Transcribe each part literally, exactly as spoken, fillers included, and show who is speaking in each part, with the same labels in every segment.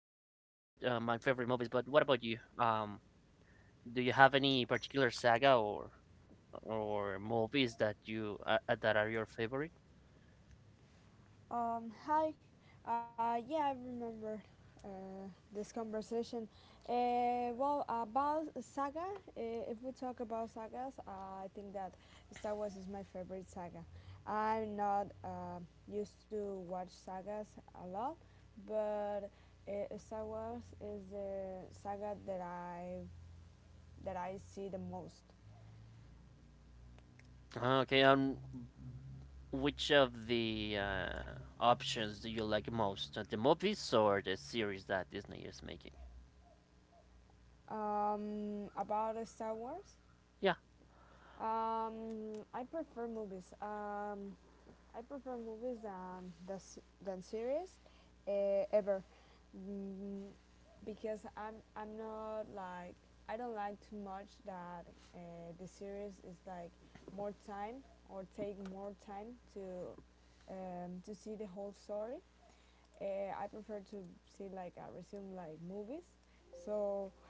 Speaker 1: uh, my favorite movies, but what about you? Um, do you have any particular saga or or movies that you uh, uh, that are your favorite?
Speaker 2: Um, hi. Uh, yeah, I remember uh, this conversation. Uh, well, about saga, uh, if we talk about sagas, uh, I think that Star Wars is my favorite saga. I'm not uh, used to watch sagas a lot, but uh, Star Wars is the saga that I that I see the most.
Speaker 1: Ah, okay, um, which of the uh, options do you like most? Uh, The movies or the series that Disney is making?
Speaker 2: Um, about Star Wars,
Speaker 1: Yeah,
Speaker 2: um, I prefer movies. Um, I prefer movies than the, than series uh, ever mm, because I'm I'm not like I don't like too much that uh, the series is like more time or take more time to um, to see the whole story. Uh, I prefer to see like a resume like movies. So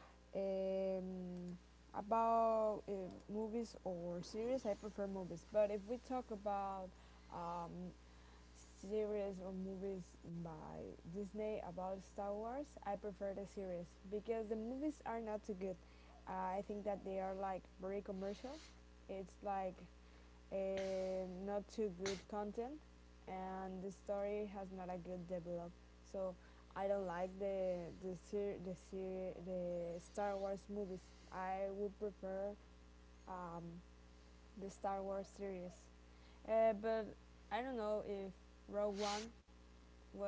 Speaker 2: um, about uh, movies or series, I prefer movies. But if we talk about um, series or movies by Disney about Star Wars, I prefer the series because the movies are not too good. Uh, I think that they are like very commercial. It's like a not too good content, and the story has not a good develop. So I don't like the the ser- the ser- the Star Wars movies. I would prefer um, the Star Wars series. Uh, but I don't know if Rogue One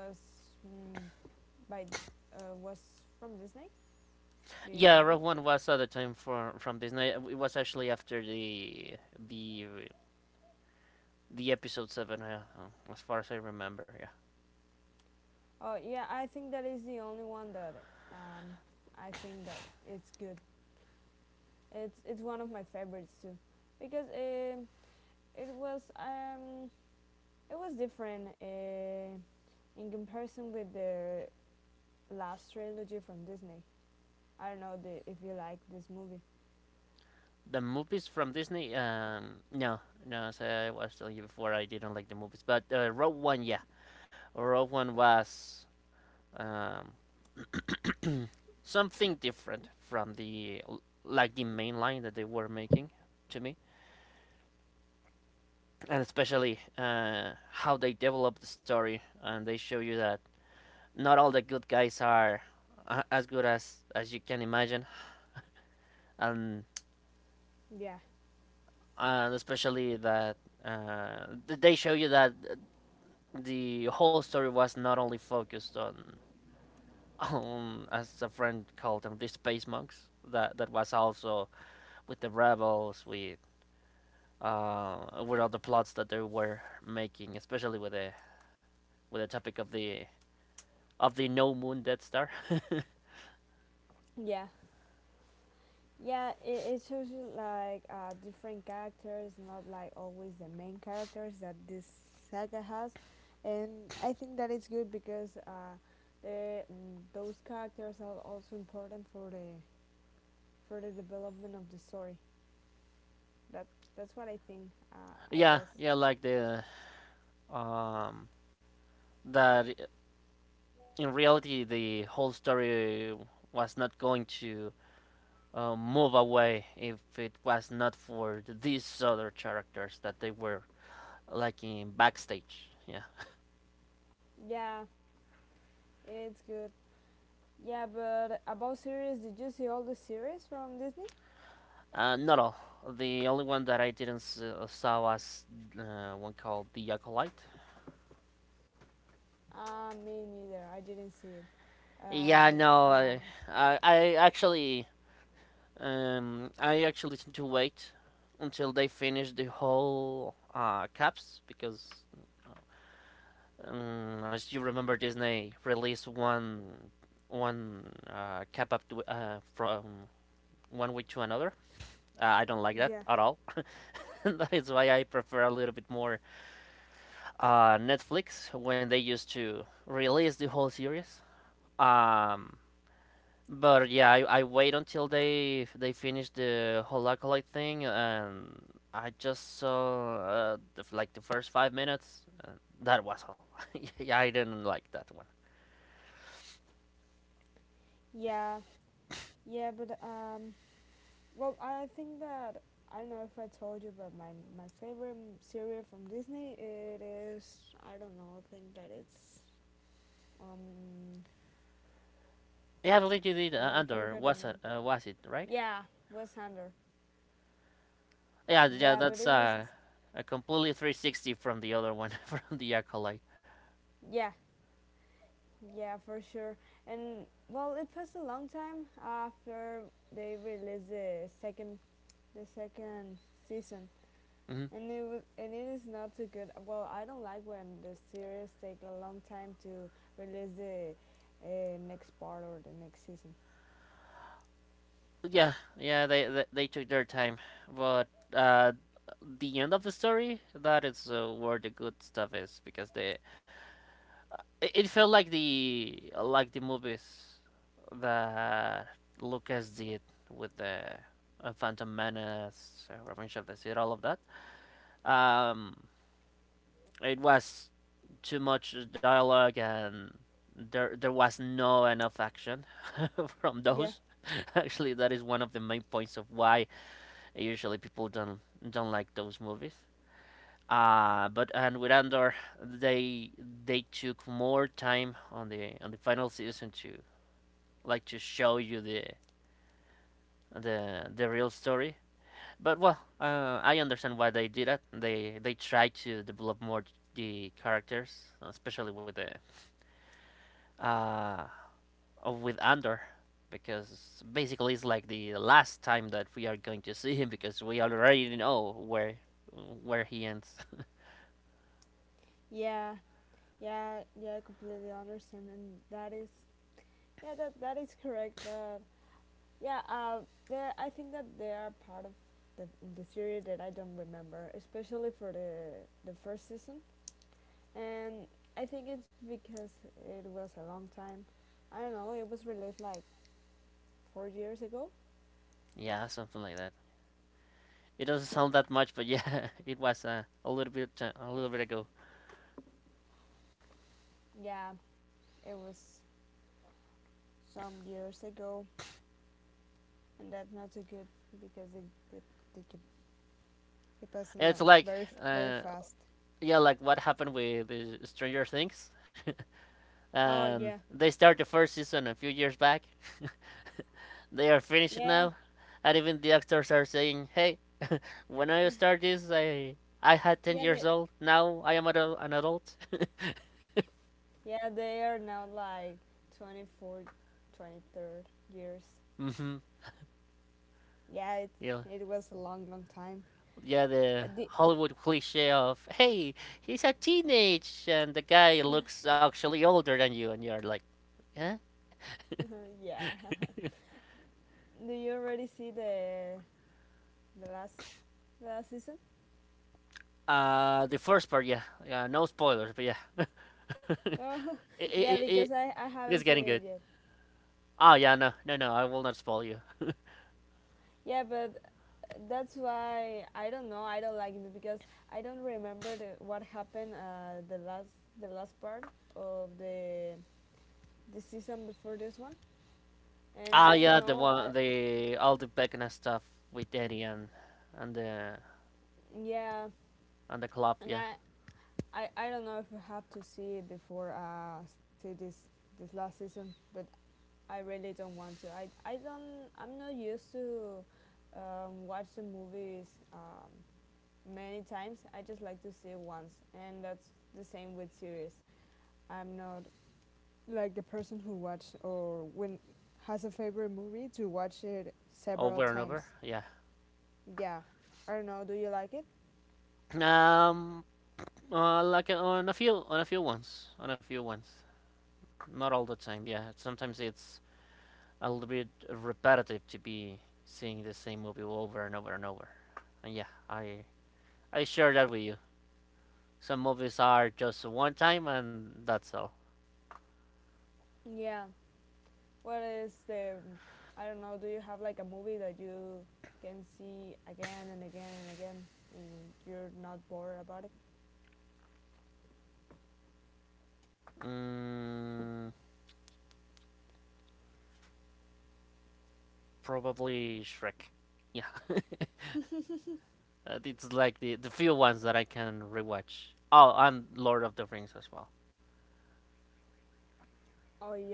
Speaker 2: was mm, by uh, was from Disney. Do
Speaker 1: yeah,
Speaker 2: you know
Speaker 1: Rogue
Speaker 2: it?
Speaker 1: One was at the time for from Disney. Uh, It was actually after the the the episode seven, uh, uh, as far as I remember. Yeah.
Speaker 2: Oh yeah, I think that is the only one that um, I think that it's good. It's it's one of my favorites too, because um, it was um, it was different uh, in comparison with the last trilogy from Disney. I don't know the, if you like this movie.
Speaker 1: The movies from Disney, um, no, no. So I was telling you before I didn't like the movies, but uh, Rogue One, yeah, Rogue One was, um, something different from the, like the main line that they were making to me, and especially uh, how they develop the story and they show you that not all the good guys are uh, as good as as you can imagine, and
Speaker 2: Yeah,
Speaker 1: and especially that uh, they show you that the whole story was not only focused on on, as a friend called them, the space monks, that that was also with the rebels, with uh with all the plots that they were making, especially with the, with the topic of the, of the no moon death star.
Speaker 2: yeah. Yeah, it, it shows you like uh, different characters, not like always the main characters that this saga has, and I think that it's good because uh, the mm, those characters are also important for the for the development of the story. That that's what I think. Uh, I
Speaker 1: Yeah,
Speaker 2: guess.
Speaker 1: yeah, like the, um that in reality the whole story was not going to uh, move away if it was not for these other characters that they were like in backstage. Yeah,
Speaker 2: Yeah, it's good. Yeah, but about series, did you see all the series from Disney?
Speaker 1: uh, not all. The only one that I didn't s- uh, saw was uh, one called The Acolyte.
Speaker 2: Uh, me neither. I didn't see it. Uh,
Speaker 1: Yeah,
Speaker 2: but
Speaker 1: no,
Speaker 2: uh,
Speaker 1: I, I, I actually, um, I actually tend to wait until they finish the whole uh, caps because, um, as you remember, Disney released one, one uh, cap up to, uh, from one week to another. Uh, I don't like
Speaker 2: yeah.
Speaker 1: that at all. That is why I prefer a little bit more uh, Netflix when they used to release the whole series. Um, but yeah, I, I wait until they they finish the whole acolyte thing, and I just saw uh, the, like the first five minutes. And that was all. Yeah, I didn't like that one.
Speaker 2: Yeah, Yeah, but um, well, I think that I don't know if I told you, but my my favorite m- cereal from Disney it is I don't know. I think that it's um
Speaker 1: Yeah, I believe you did,
Speaker 2: oh,
Speaker 1: uh,
Speaker 2: I
Speaker 1: Andor.
Speaker 2: forgot the
Speaker 1: Was
Speaker 2: name.
Speaker 1: it? Uh, was it right?
Speaker 2: Yeah, West Hander.
Speaker 1: Yeah, yeah,
Speaker 2: Yeah,
Speaker 1: that's
Speaker 2: but it was
Speaker 1: uh, a completely three sixty from the other one, from the acolyte.
Speaker 2: yeah yeah for sure. And well, it passed a long time after they released the second the second season.
Speaker 1: Hmm.
Speaker 2: And it was, and it is not too good. Well, I don't like when the series take a long time to release the uh, next part or the next season.
Speaker 1: Yeah, yeah, they they, they took their time, but uh, the end of the story, that is uh, where the good stuff is, because they, it, it felt like the, like the movies that Lucas did with the uh, Phantom Menace, uh, Revenge of the Sith, all of that. Um, it was too much dialogue and there there was no enough action from those.
Speaker 2: Yeah.
Speaker 1: Actually, that is one of the main points of why usually people don't don't like those movies. Uh, but and with Andor, they they took more time on the, on the final season to, like, to show you the the the real story. But well, uh, I understand why they did that. They they tried to develop more the characters, especially with the uh with Andor, because basically it's like the last time that we are going to see him because we already know where where he ends.
Speaker 2: Yeah, yeah, yeah. I completely understand, and that is yeah, that that is correct. But yeah, uh, there I think that they are part of the the series that I don't remember, especially for the the first season, and I think it's because it was a long time. I don't know. It was released like four years ago.
Speaker 1: Yeah, something like that. It doesn't sound that much, but yeah, it was uh, a little bit, uh, a little bit ago.
Speaker 2: Yeah, it was some years ago, and that's not so good because it it it they pass
Speaker 1: It's
Speaker 2: along
Speaker 1: like,
Speaker 2: very f-
Speaker 1: uh,
Speaker 2: very fast.
Speaker 1: yeah, like what happened with the Stranger Things.
Speaker 2: Oh
Speaker 1: Um,
Speaker 2: yeah,
Speaker 1: they start the first season a few years back. They are finished now,
Speaker 2: yeah,
Speaker 1: and even the actors are saying, "Hey, when I started this, I I had ten
Speaker 2: yeah.
Speaker 1: years
Speaker 2: They
Speaker 1: old. Now I am adult, an adult."
Speaker 2: yeah they are now like twenty four, twenty third years.
Speaker 1: Hmm.
Speaker 2: Yeah, it
Speaker 1: Yeah,
Speaker 2: it was a long long time.
Speaker 1: yeah, the
Speaker 2: Uh, the,
Speaker 1: Hollywood cliche of hey, he's a teenage and the guy looks actually older than you and you're like, yeah.
Speaker 2: yeah. Do you already see the the last the last season?
Speaker 1: Uh the first part, yeah, yeah, no spoilers, but yeah. it,
Speaker 2: Oh
Speaker 1: it,
Speaker 2: yeah,
Speaker 1: it, it
Speaker 2: because I I
Speaker 1: is
Speaker 2: haven't
Speaker 1: getting
Speaker 2: seen it
Speaker 1: good.
Speaker 2: yet.
Speaker 1: Oh yeah, no, no, no, I will not spoil you.
Speaker 2: Yeah, but that's why I don't know. I don't like it because I don't remember the, what happened uh, the last the last part of the the season before this one, and
Speaker 1: Ah
Speaker 2: I don't
Speaker 1: yeah, the
Speaker 2: know. I
Speaker 1: one, the all the Beckner stuff with Eddie and and the,
Speaker 2: yeah,
Speaker 1: and the club,
Speaker 2: and
Speaker 1: yeah.
Speaker 2: I I, I don't know if you have to see it before uh see this this last season, but I really don't want to. I I don't. I'm not used to um, watch the movies um, many times. I just like to see it once, and that's the same with series. I'm not like the person who watch or when has a favorite movie to watch it several
Speaker 1: Over and over,
Speaker 2: times.
Speaker 1: yeah.
Speaker 2: Yeah. I don't know. Do you like it?
Speaker 1: um uh, like on a few, on a few ones on a few ones, not all the time, yeah. Sometimes it's a little bit repetitive to be seeing the same movie over and over and over. And yeah, I I share that with you. Some movies are just one time and that's all.
Speaker 2: Yeah. What is the I don't know. Do you have like a movie that you can see again and again and again and you're not bored about it?
Speaker 1: Mm, probably Shrek. Yeah, it's like the the few ones that I can rewatch. Oh, and Lord of the Rings as well.
Speaker 2: Oh yeah.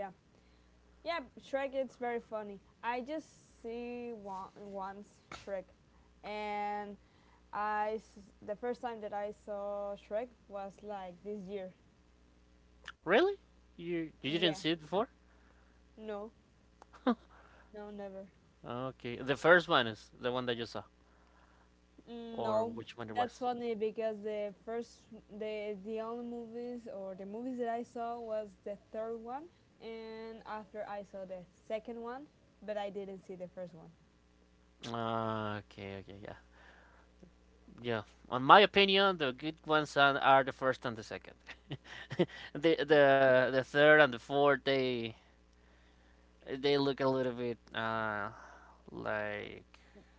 Speaker 2: Yeah, Shrek it's very funny. I just see one, once Shrek and I the first time that I saw Shrek was like this year.
Speaker 1: Really? You you
Speaker 2: Yeah,
Speaker 1: didn't see it before?
Speaker 2: no, no, never.
Speaker 1: Okay, the first one is the one that you saw,
Speaker 2: Mm,
Speaker 1: or
Speaker 2: no,
Speaker 1: which one it
Speaker 2: that's
Speaker 1: was?
Speaker 2: funny because the first, the the only movies or the movies that I saw was the third one, and after I saw the second one, but I didn't see the first one.
Speaker 1: Ah, okay, okay, yeah. Yeah, on my opinion, the good ones are are the first and the second. the the the third and the fourth, they they look a little bit uh like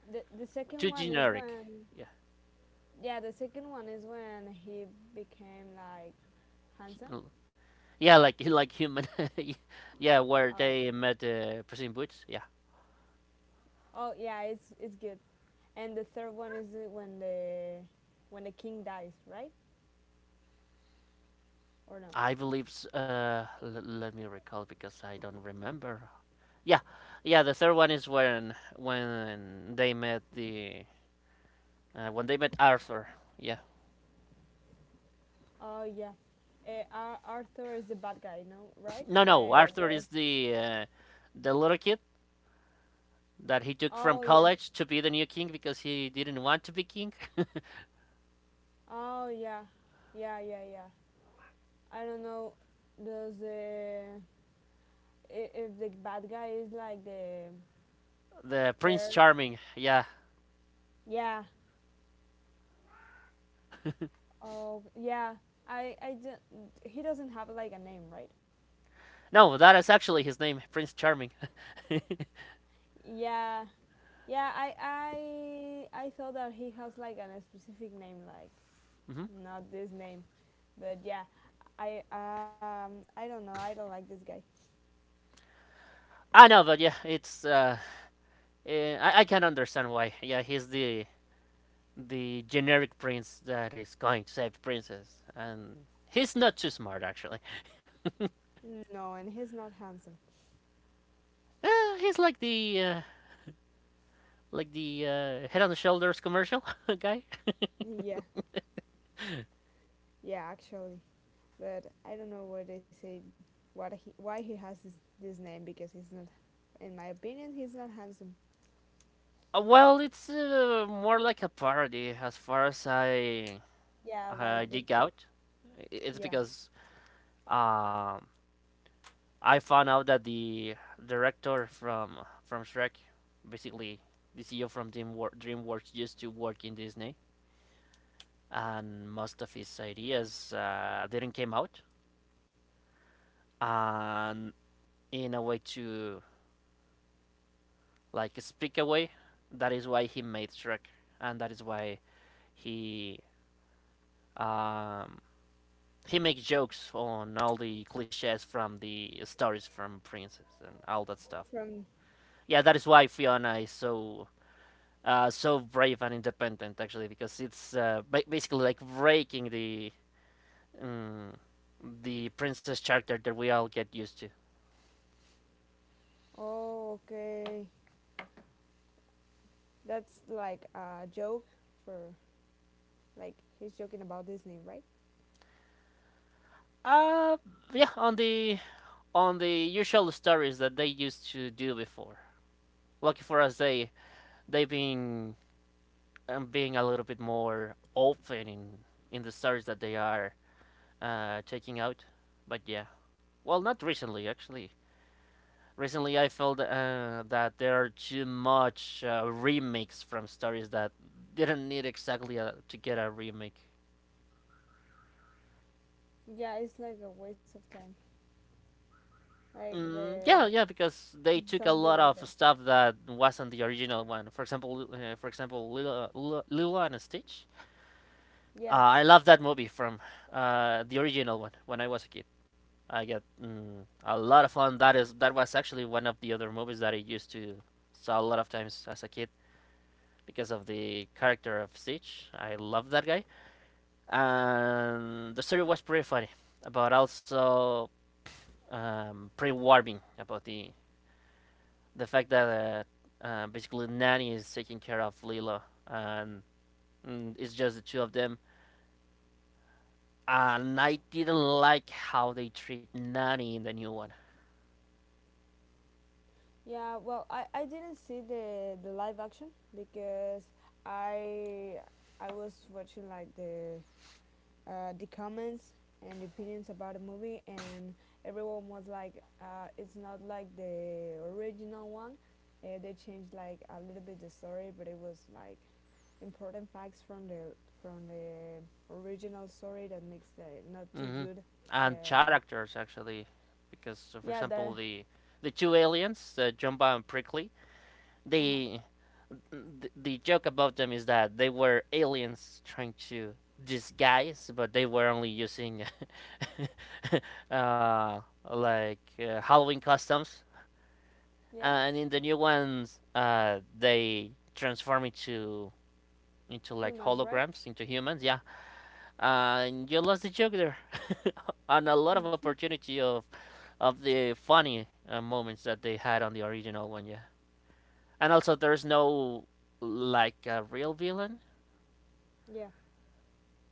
Speaker 2: The the second
Speaker 1: too
Speaker 2: one is
Speaker 1: generic.
Speaker 2: when,
Speaker 1: Yeah,
Speaker 2: yeah, the second one is when he became like handsome.
Speaker 1: hu- yeah, like like human. Yeah,
Speaker 2: Oh,
Speaker 1: where they met, uh, Puss in Boots. Yeah,
Speaker 2: oh yeah, it's it's good. And the third one is the- when the when the king dies, right? Or no?
Speaker 1: I believe. S- Uh, l- let me recall because I don't remember. Yeah, yeah, the third one is when when they met the, uh, when they met Arthur. Yeah.
Speaker 2: Oh yeah, uh, Ar- Arthur is the bad guy, no, right?
Speaker 1: No, no,
Speaker 2: Where
Speaker 1: Arthur
Speaker 2: the
Speaker 1: is the, uh, the little kid that he took from
Speaker 2: oh yeah,
Speaker 1: college to be the new king because he didn't want to be king.
Speaker 2: oh yeah, yeah yeah yeah. I don't know. Does the I- if the bad guy is like the
Speaker 1: The Prince
Speaker 2: fair?
Speaker 1: Charming, yeah.
Speaker 2: Yeah. Oh yeah. I I don't. He doesn't have like a name, right?
Speaker 1: No, that is actually his name, Prince Charming.
Speaker 2: Yeah. Yeah. I I I thought that he has like an, a specific name, like
Speaker 1: Mhm.
Speaker 2: not this name, but yeah. I um I don't know. I don't like this guy.
Speaker 1: I know, but yeah, it's uh, eh, I, I can understand why. Yeah, he's the the generic prince that is going to save the princess, and he's not too smart actually.
Speaker 2: No, and he's not handsome.
Speaker 1: Uh, he's like the, uh, like the uh, head on the shoulders commercial guy.
Speaker 2: Yeah, yeah, actually, but I don't know what they say. What he, why he has this, this name? Because he's not, in my opinion, he's not handsome.
Speaker 1: Uh, well, it's uh, more like a parody as far as I
Speaker 2: Yeah, like
Speaker 1: uh,
Speaker 2: the
Speaker 1: dig out. I- It's
Speaker 2: yeah
Speaker 1: because, um, I found out that the director from from Shrek, basically the C E O from DreamWor- DreamWorks, used to work in Disney, and most of his ideas uh, didn't came out. And in a way to, like, speak away, that is why he made Shrek, and that is why he, um, he makes jokes on all the cliches from the stories from Princess and all that stuff.
Speaker 2: from.
Speaker 1: Yeah, that is why Fiona is so, uh, so brave and independent actually because it's uh, ba- basically like breaking the, um, the princess character that we all get used to.
Speaker 2: Oh, okay. That's like a joke for like he's joking about Disney, right?
Speaker 1: Uh, yeah, on the, on the usual stories that they used to do before. Lucky for us, they they've been, um, being a little bit more open in in the stories that they are uh, checking out. But yeah, well, not recently actually. Recently, I felt uh, that there are too much uh, remakes from stories that didn't need exactly a, to get a remake.
Speaker 2: Yeah, it's like a waste of time. Like
Speaker 1: Mm,
Speaker 2: the
Speaker 1: yeah, yeah, because they took a
Speaker 2: something
Speaker 1: lot
Speaker 2: like
Speaker 1: of
Speaker 2: that.
Speaker 1: stuff that wasn't the original one. For example, uh, for example, Lilo, Lilo, Lilo and Stitch.
Speaker 2: Yeah,
Speaker 1: Uh, I love that movie from, uh, the original one when I was a kid. I get, mm, a lot of fun. That is, that was actually one of the other movies that I used to saw a lot of times as a kid because of the character of Siege. I love that guy, and the story was pretty funny, but also, um, pretty warming about the the fact that uh, uh, basically Nanny is taking care of Lilo, and, mm, it's just the two of them. And I didn't like how they treat Nanny in the new one.
Speaker 2: yeah, well, I, I didn't see the the live action because I I was watching like the uh, the comments and the opinions about the movie, and everyone was like, uh, it's not like the original one. Uh, they changed like a little bit the story, but it was like important facts from the from the original story that makes the not too
Speaker 1: Hmm.
Speaker 2: good.
Speaker 1: And
Speaker 2: Um
Speaker 1: characters actually, because uh, for
Speaker 2: yeah, the
Speaker 1: example the the two aliens, uh, Jumba and Prickly,
Speaker 2: uh
Speaker 1: they, th- the joke about them is that they were aliens trying to disguise, but they were only using uh, like, uh, Halloween customs.
Speaker 2: yeah
Speaker 1: And in the new ones, uh, they transform into into like
Speaker 2: humans, right?
Speaker 1: holograms, into humans. Yeah, and you lost the joke there, on a lot of opportunity of of the funny uh, moments that they had on the original one, yeah. And also there's no, like, a real villain
Speaker 2: Yeah,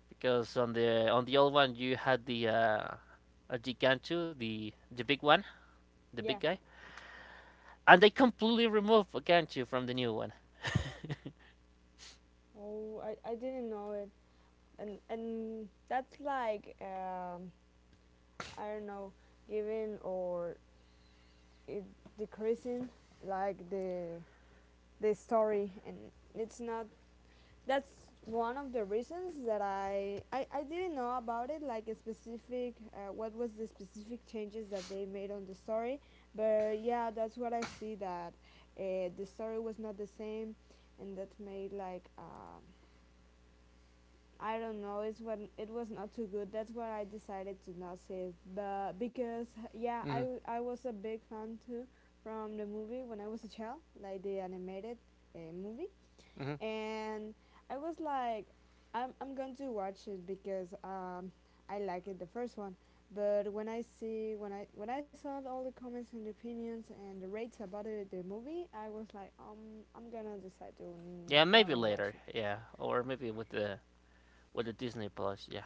Speaker 1: because on the, on the old one you had the uh uh, the Gantu, the the big one, the big
Speaker 2: yeah.
Speaker 1: guy, and they completely removed Gantu from the new one.
Speaker 2: Oh, I, I didn't know it. And and that's like um, I don't know, giving or it decreasing like the the story and it's not that's one of the reasons that I I, I didn't know about it like a specific uh, what was the specific changes that they made on the story but yeah that's what I see that uh, the story was not the same and that made like um, I don't know. It's when it was not too good. That's why I decided to not see it. But because yeah,
Speaker 1: Hmm.
Speaker 2: I I was a big fan too from the movie when I was a child, like the animated uh, movie,
Speaker 1: Hmm.
Speaker 2: and I was like, I'm I'm going to watch it because um I like it the first one. But when I see when I when I saw all the comments and opinions and the rates about it, the movie, I was like, um, I'm gonna decide to n-
Speaker 1: Yeah, maybe
Speaker 2: don't watch
Speaker 1: later,
Speaker 2: it.
Speaker 1: yeah, or maybe with the, with the Disney Plus, yeah.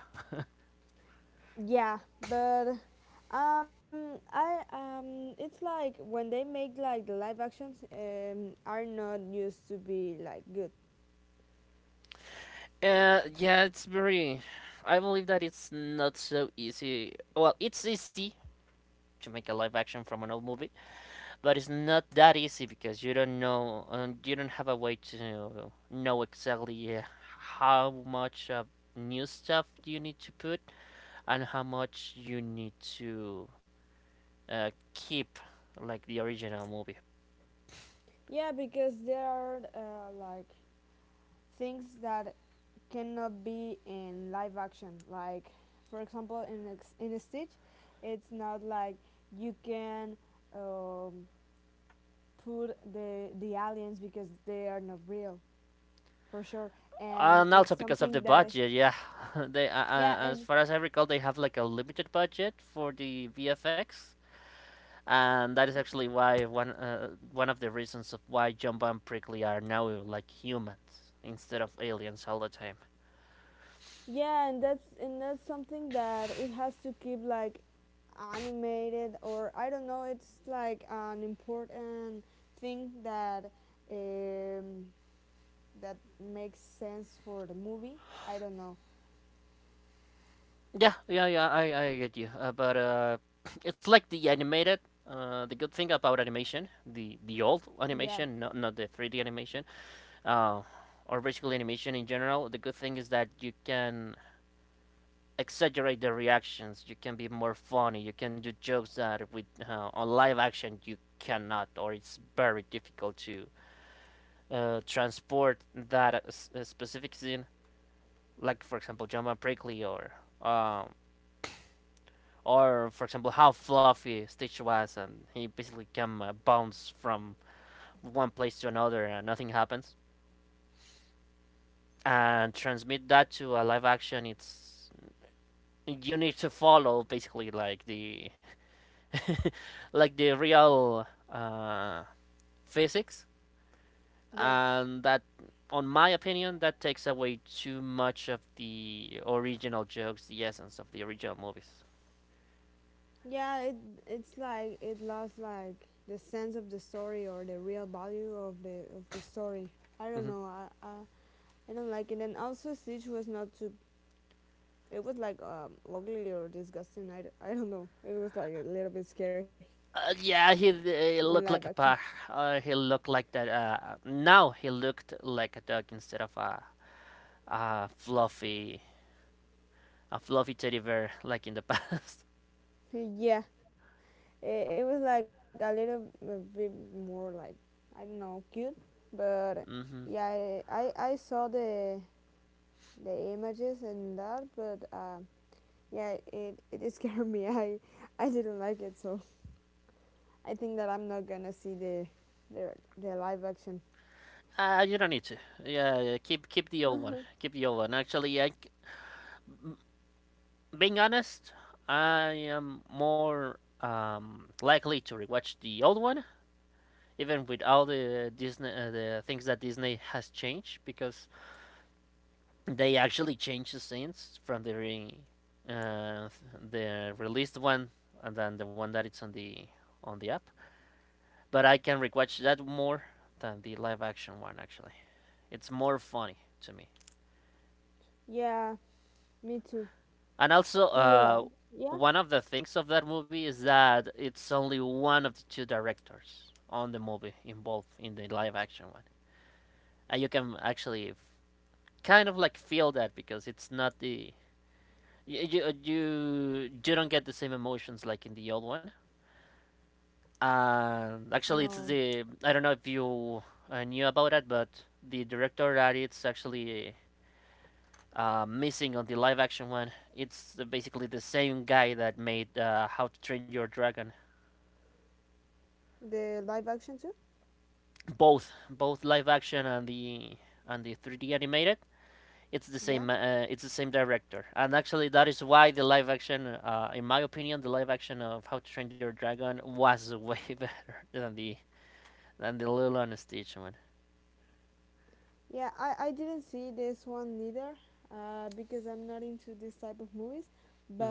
Speaker 2: Yeah, but um, I um, it's like when they make like the live actions um are not used to be like good.
Speaker 1: Uh, yeah, it's very. I believe that it's not so easy. Well, it's easy to make a live action from an old movie, but it's not that easy because you don't know, um, you don't have a way to know exactly uh, how much of new stuff you need to put and how much you need to uh, keep like the original movie.
Speaker 2: Yeah, because there are uh, like things that cannot be in live action. Like for example, in a, in a Stitch, it's not like you can um put the the aliens because they are not real for sure, and
Speaker 1: And also
Speaker 2: it's
Speaker 1: because of the
Speaker 2: something that
Speaker 1: budget, yeah. they, uh, uh,
Speaker 2: yeah
Speaker 1: As
Speaker 2: and
Speaker 1: far as I recall, they have like a limited budget for the V F X, and that is actually why one uh, one of the reasons of why Jumbo and Prickly are now like humans instead of aliens all the time.
Speaker 2: yeah, and that's and that's something that it has to keep like animated or I don't know. It's like an important thing that um, that makes sense for the movie. I don't know.
Speaker 1: Yeah, yeah, yeah. I I get you, uh, but uh, it's like the animated. Uh, the good thing about animation, the the old
Speaker 2: Yeah,
Speaker 1: animation, not not the three D animation, uh, or basically animation in general. The good thing is that you can exaggerate the reactions. You can be more funny. You can do jokes that with uh, on live action you cannot, or it's very difficult to uh, transport that uh, specific scene, like for example Jumpman Prickly, or um, or for example how fluffy Stitch was, and he basically can uh, bounce from one place to another and nothing happens, and transmit that to a live action. It's You need to follow basically like the like the real uh, physics,
Speaker 2: yeah,
Speaker 1: and that, on my opinion, that takes away too much of the original jokes, the essence of the original movies.
Speaker 2: yeah. It it's like it lost like the sense of the story or the real value of the of the story. I don't
Speaker 1: Mhm.
Speaker 2: know. I I, I don't like it. And also, Stitch was not too It was like um, ugly or disgusting. I, d- I don't know. It was like a little bit scary
Speaker 1: Uh, yeah, he,
Speaker 2: in
Speaker 1: he
Speaker 2: live
Speaker 1: looked like a
Speaker 2: action.
Speaker 1: pug. Uh, he looked like that, uh, now he looked like a duck instead of a, a fluffy, a fluffy teddy bear like in the past.
Speaker 2: yeah, it, it was like a little a bit more like I don't know cute, but yeah,
Speaker 1: Hmm.
Speaker 2: I I, I saw the the images and that, but um, yeah, it, it scared me. I I didn't like it, so I think that I'm not gonna see the the the live action.
Speaker 1: Uh, you don't need to. Yeah, yeah, keep keep the old one, keep the old one. Actually I, c- being honest, I am more um, likely to rewatch the old one, even with all the Disney, uh, the things that Disney has changed, because they actually changed the scenes from the re- uh, the released one and then the one that it's on the on the app. But I can rewatch that more than the live action one, actually. It's more funny to me.
Speaker 2: Yeah, me too.
Speaker 1: And also,
Speaker 2: Do you
Speaker 1: uh,
Speaker 2: like? Yeah.
Speaker 1: one of the things of that movie is that it's only one of the two directors on the movie involved in the live action one. And you can actually kind of like feel that, because it's not the, you you you, don't get the same emotions like in the old one. And
Speaker 2: No,
Speaker 1: actually, it's the, I don't know if you uh, knew about that, but the director that it's actually uh, missing on the live action one, it's basically the same guy that made uh, How to Train Your Dragon,
Speaker 2: the live action too.
Speaker 1: both both live action and the and the three D animated. It's the
Speaker 2: Yeah.
Speaker 1: same, uh, it's the same director, and actually that is why the live action, uh, in my opinion, the live action of How to Train Your Dragon was way better than the than the Little and Stitch one.
Speaker 2: Yeah, I, I didn't see this one neither uh, because I'm not into this type of movies.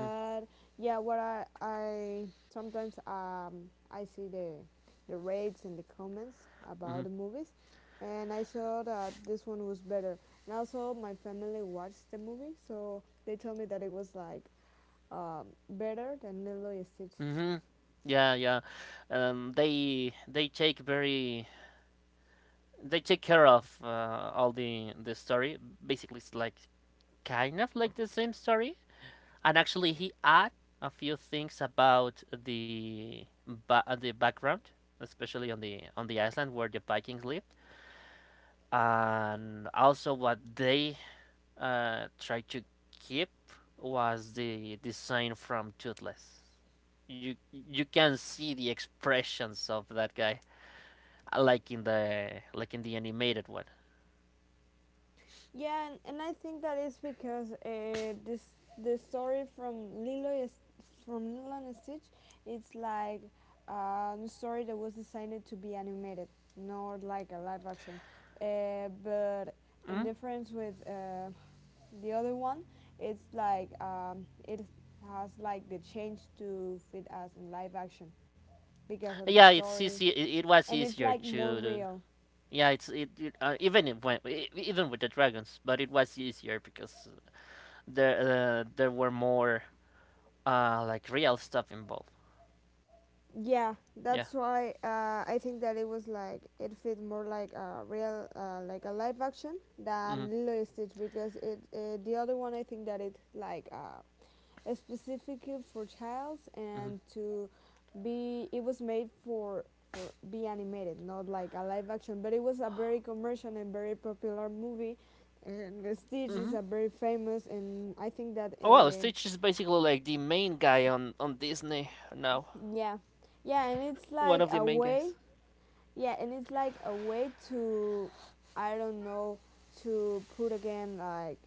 Speaker 1: Mm-hmm,
Speaker 2: yeah, what I, I sometimes um, I see the the rates and the comments about
Speaker 1: mm-hmm,
Speaker 2: the movies, and I saw that this one was better. And also, my family watched the movie, so they told me that it was like um, better than Lilo and Stitch.
Speaker 1: mm-hmm. Yeah, yeah. um, they they take very, they take care of uh, all the the story. Basically, it's like kind of like the same story, and actually he add a few things about the ba- uh, the background, especially on the on the island where the Vikings lived, and also what they uh, tried to keep was the design from Toothless. You you can see the expressions of that guy, uh, like in the like in the animated one.
Speaker 2: Yeah, and, and I think that is because uh, this the story from Lilo is from Lilo and Stitch. It's like uh, a story that was designed to be animated, not like a live action. Uh, but in
Speaker 1: Mhm.
Speaker 2: difference with uh, the other one, it's like um, it has like the change to fit as in live action because of the
Speaker 1: Yeah, it's
Speaker 2: story,
Speaker 1: easy. It, it was
Speaker 2: and it's
Speaker 1: easier
Speaker 2: like more
Speaker 1: to.
Speaker 2: real.
Speaker 1: Yeah, it's it, it uh, even if when e- even with the dragons, but it was easier because there uh, there were more uh like real stuff involved.
Speaker 2: Yeah,
Speaker 1: Yeah.
Speaker 2: that's why uh, I think that it was like it fit more like a real, uh, like a live action
Speaker 1: Mhm.
Speaker 2: than Lilo and Stitch because it uh, the other one I think that it like uh, specifically for childs
Speaker 1: Mhm.
Speaker 2: and to be it was made for for be animated, not like a live action. But it was a very commercial and very popular movie, and Stitch is
Speaker 1: Mhm.
Speaker 2: a very famous and I think that
Speaker 1: Well,
Speaker 2: uh,
Speaker 1: Stitch is basically like the main guy on on Disney now.
Speaker 2: yeah, yeah, and it's
Speaker 1: One of
Speaker 2: like
Speaker 1: the
Speaker 2: a
Speaker 1: main guys.
Speaker 2: way. Yeah, and it's like a way to, I don't know, to put again like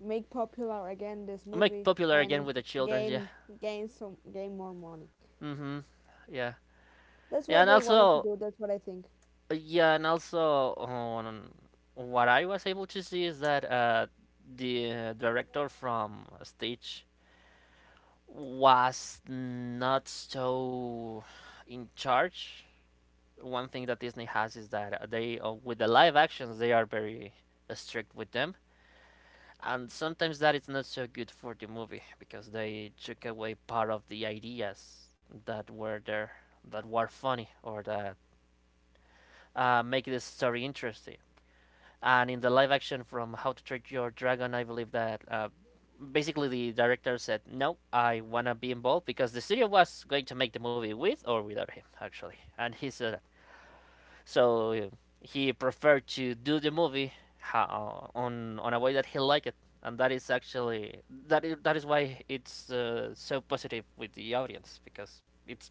Speaker 2: make popular again this
Speaker 1: Make
Speaker 2: movie
Speaker 1: popular again
Speaker 2: and
Speaker 1: with the childrens. Yeah.
Speaker 2: gain gain some gain more money.
Speaker 1: Mhm. Yeah.
Speaker 2: That's what
Speaker 1: Yeah, and
Speaker 2: they wanted to
Speaker 1: also,
Speaker 2: do. That's what I think.
Speaker 1: yeah, and also, um, what I was able to see is that uh the uh, director from Stitch was not so in charge. One thing that Disney has is that they, uh, with the live actions, they are very strict with them, and sometimes that is not so good for the movie because they took away part of the ideas that were there, that were funny, or that uh, make the story interesting. And in the live action from How to Train Your Dragon, I believe that uh, basically the director said, "No, I wanna be involved because the studio was going to make the movie with or without him, actually." And he said, that. So uh, he preferred to do the movie uh, on on a way that he liked it, and that is actually, that is, that is why it's uh, so positive with the audience, because it's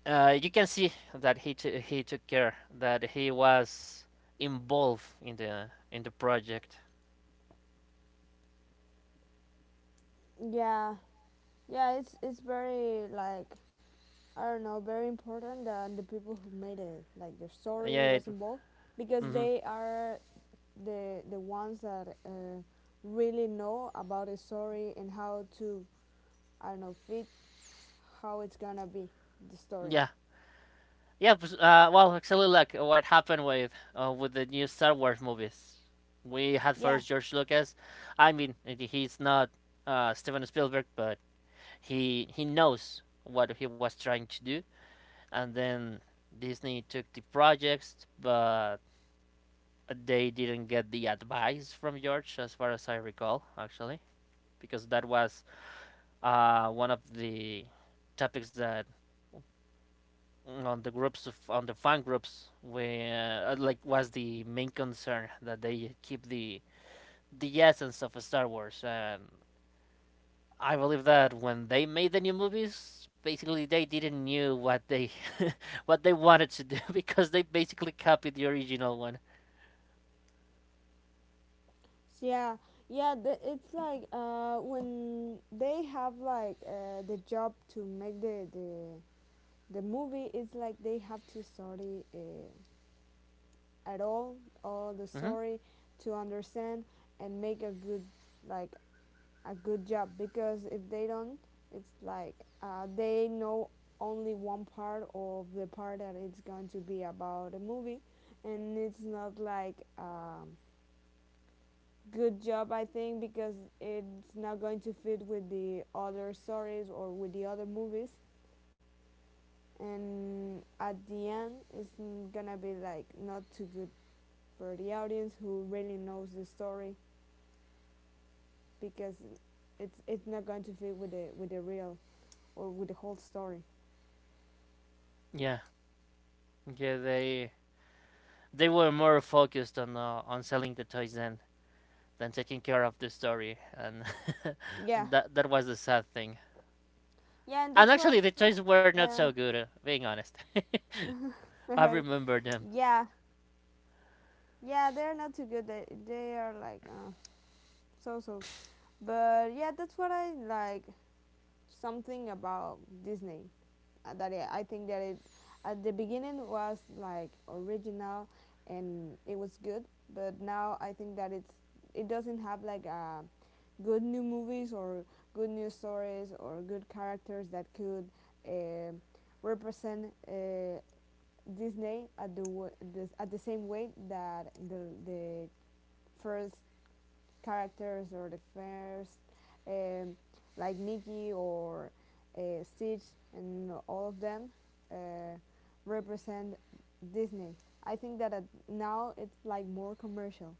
Speaker 1: uh, you can see that he t- he took care, that he was involved in the in the project.
Speaker 2: Yeah, yeah. It's it's very like I don't know, very important that the people who made it, like their story,
Speaker 1: Yeah.
Speaker 2: was
Speaker 1: It,
Speaker 2: involved because
Speaker 1: hmm.
Speaker 2: they are the the ones that uh, really know about the story and how to I don't know fit how it's gonna be the story.
Speaker 1: Yeah. Yeah. but, Uh, well, actually, like what happened with uh, with the new Star Wars movies. We had
Speaker 2: Yeah,
Speaker 1: first George Lucas. I mean, he's not uh, Steven Spielberg, but he he knows what he was trying to do. And then Disney took the projects, but they didn't get the advice from George, as far as I recall, actually, because that was uh, one of the topics that on the groups of, on the fan groups where uh, like was the main concern, that they keep the the essence of Star Wars. And I believe that when they made the new movies, basically they didn't knew what they what they wanted to do, because they basically copied the original one.
Speaker 2: so yeah, yeah. The, it's like uh, when they have like uh, the job to make the the the movie. It's like they have to study uh, at all all the
Speaker 1: Hmm.
Speaker 2: story to understand and make a good like a good job because if they don't, it's like uh, they know only one part of the part that it's going to be about a movie and it's not like um, good job, I think, because it's not going to fit with the other stories or with the other movies. And at the end, it's gonna be like not too good for the audience who really knows the story because it's it's not going to fit with the with the real or with the whole story.
Speaker 1: Yeah, yeah, they they were more focused on uh, on selling the toys than than taking care of the story, and
Speaker 2: Yeah,
Speaker 1: that that was the sad thing.
Speaker 2: yeah,
Speaker 1: And
Speaker 2: and that's
Speaker 1: actually, the
Speaker 2: what.
Speaker 1: toys
Speaker 2: Uh,
Speaker 1: were not so good. uh, Being honest, I remember them.
Speaker 2: yeah, yeah, they're not too good. They they are like uh, so so. But yeah, that's what I like. Something about Disney uh, that it, I think that it at the beginning was like original and it was good, but now I think that it's it doesn't have like a good new movies or good new stories or good characters that could uh, represent uh, Disney at the, w- the at the same way that the the first characters or the first, um, like Mickey or uh, Stitch, and all of them uh, represent Disney. I think that uh, now it's like more commercial.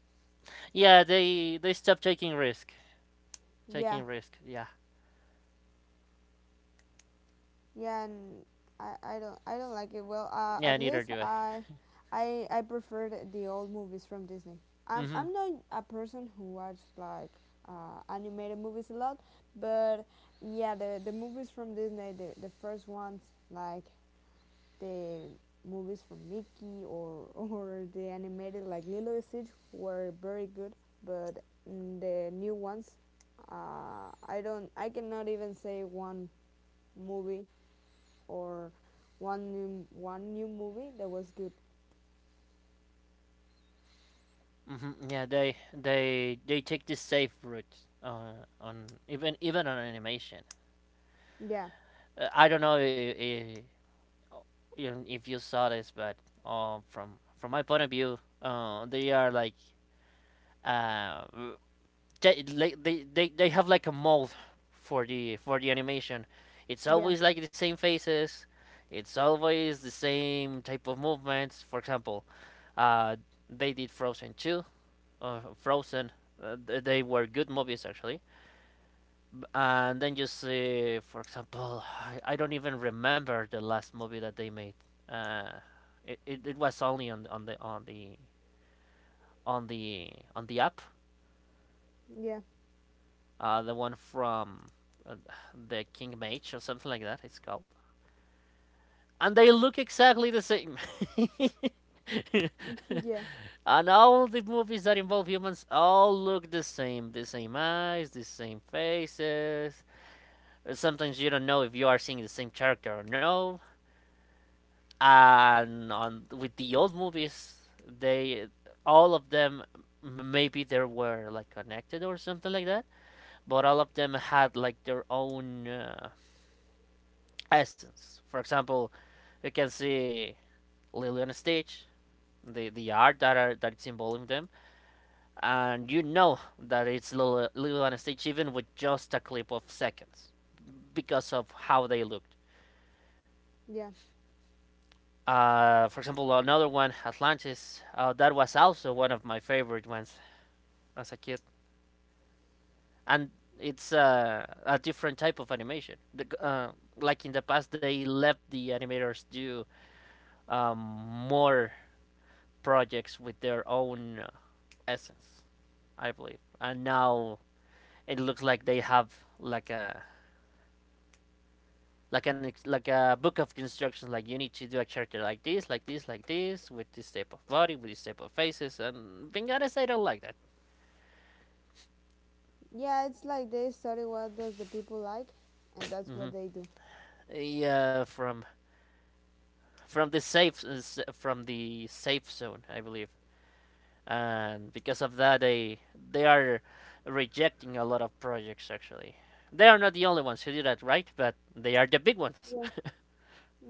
Speaker 1: Yeah, they they stopped taking risk.
Speaker 2: Yeah.
Speaker 1: Taking risk. Yeah.
Speaker 2: Yeah, and I, I don't I don't like it. Well, uh,
Speaker 1: Yeah.
Speaker 2: at
Speaker 1: Neither
Speaker 2: least
Speaker 1: do I.
Speaker 2: I I I prefer the the old movies from Disney. I'm
Speaker 1: Mhm.
Speaker 2: I'm not a person who watches like uh, animated movies a lot, but yeah, the the movies from Disney, the the first ones like the movies from Mickey or or the animated like Lilo and Stitch were very good, but mm, the new ones, uh, I don't I cannot even say one movie or one new one new movie that was good.
Speaker 1: Mhm. Yeah. They they they take the safe route. Uh, on even even on animation.
Speaker 2: Yeah,
Speaker 1: Uh, I don't know if, if you saw this, but uh, from from my point of view, uh, they are like uh, they, like, they, they, they have like a mold for the for the animation. It's
Speaker 2: yeah,
Speaker 1: always like the same faces. It's always the same type of movements. For example, uh, they did Frozen two, uh, Frozen. Uh, they were good movies actually. And then you see, for example, I, I don't even remember the last movie that they made. Uh, it, it, it was only on on the on the on the on the app,
Speaker 2: yeah,
Speaker 1: uh, the one from uh, the King Mage or something like that. It's called, and they look exactly the same.
Speaker 2: yeah,
Speaker 1: And all the movies that involve humans all look the same, the same eyes, the same faces. Uh, sometimes you don't know if you are seeing the same character or no. And on with the old movies, they, all of them, maybe they were like connected or something like that, but all of them had like their own uh, essence. For example, you can see Lily and Stitch, the, the art that are that it's involving them, and you know that it's Lily, Lily and Stitch even with just a clip of seconds, because of how they looked.
Speaker 2: yeah.
Speaker 1: Uh, for example, another one, Atlantis, uh, that was also one of my favorite ones as a kid. And it's uh, a different type of animation. The, uh, like in the past, they let the animators do um, more projects with their own essence, I believe. And now it looks like they have like a like an like a book of instructions. Like you need to do a character like this, like this, like this, with this type of body, with this type of faces. And being honest, I don't like that.
Speaker 2: Yeah, it's like they study what does the people like, and that's
Speaker 1: Hmm.
Speaker 2: what they do.
Speaker 1: Yeah, from from the safe from the safe zone, I believe. And because of that, they they are rejecting a lot of projects. Actually, they are not the only ones who do that, right? But they are the big ones.
Speaker 2: Yeah.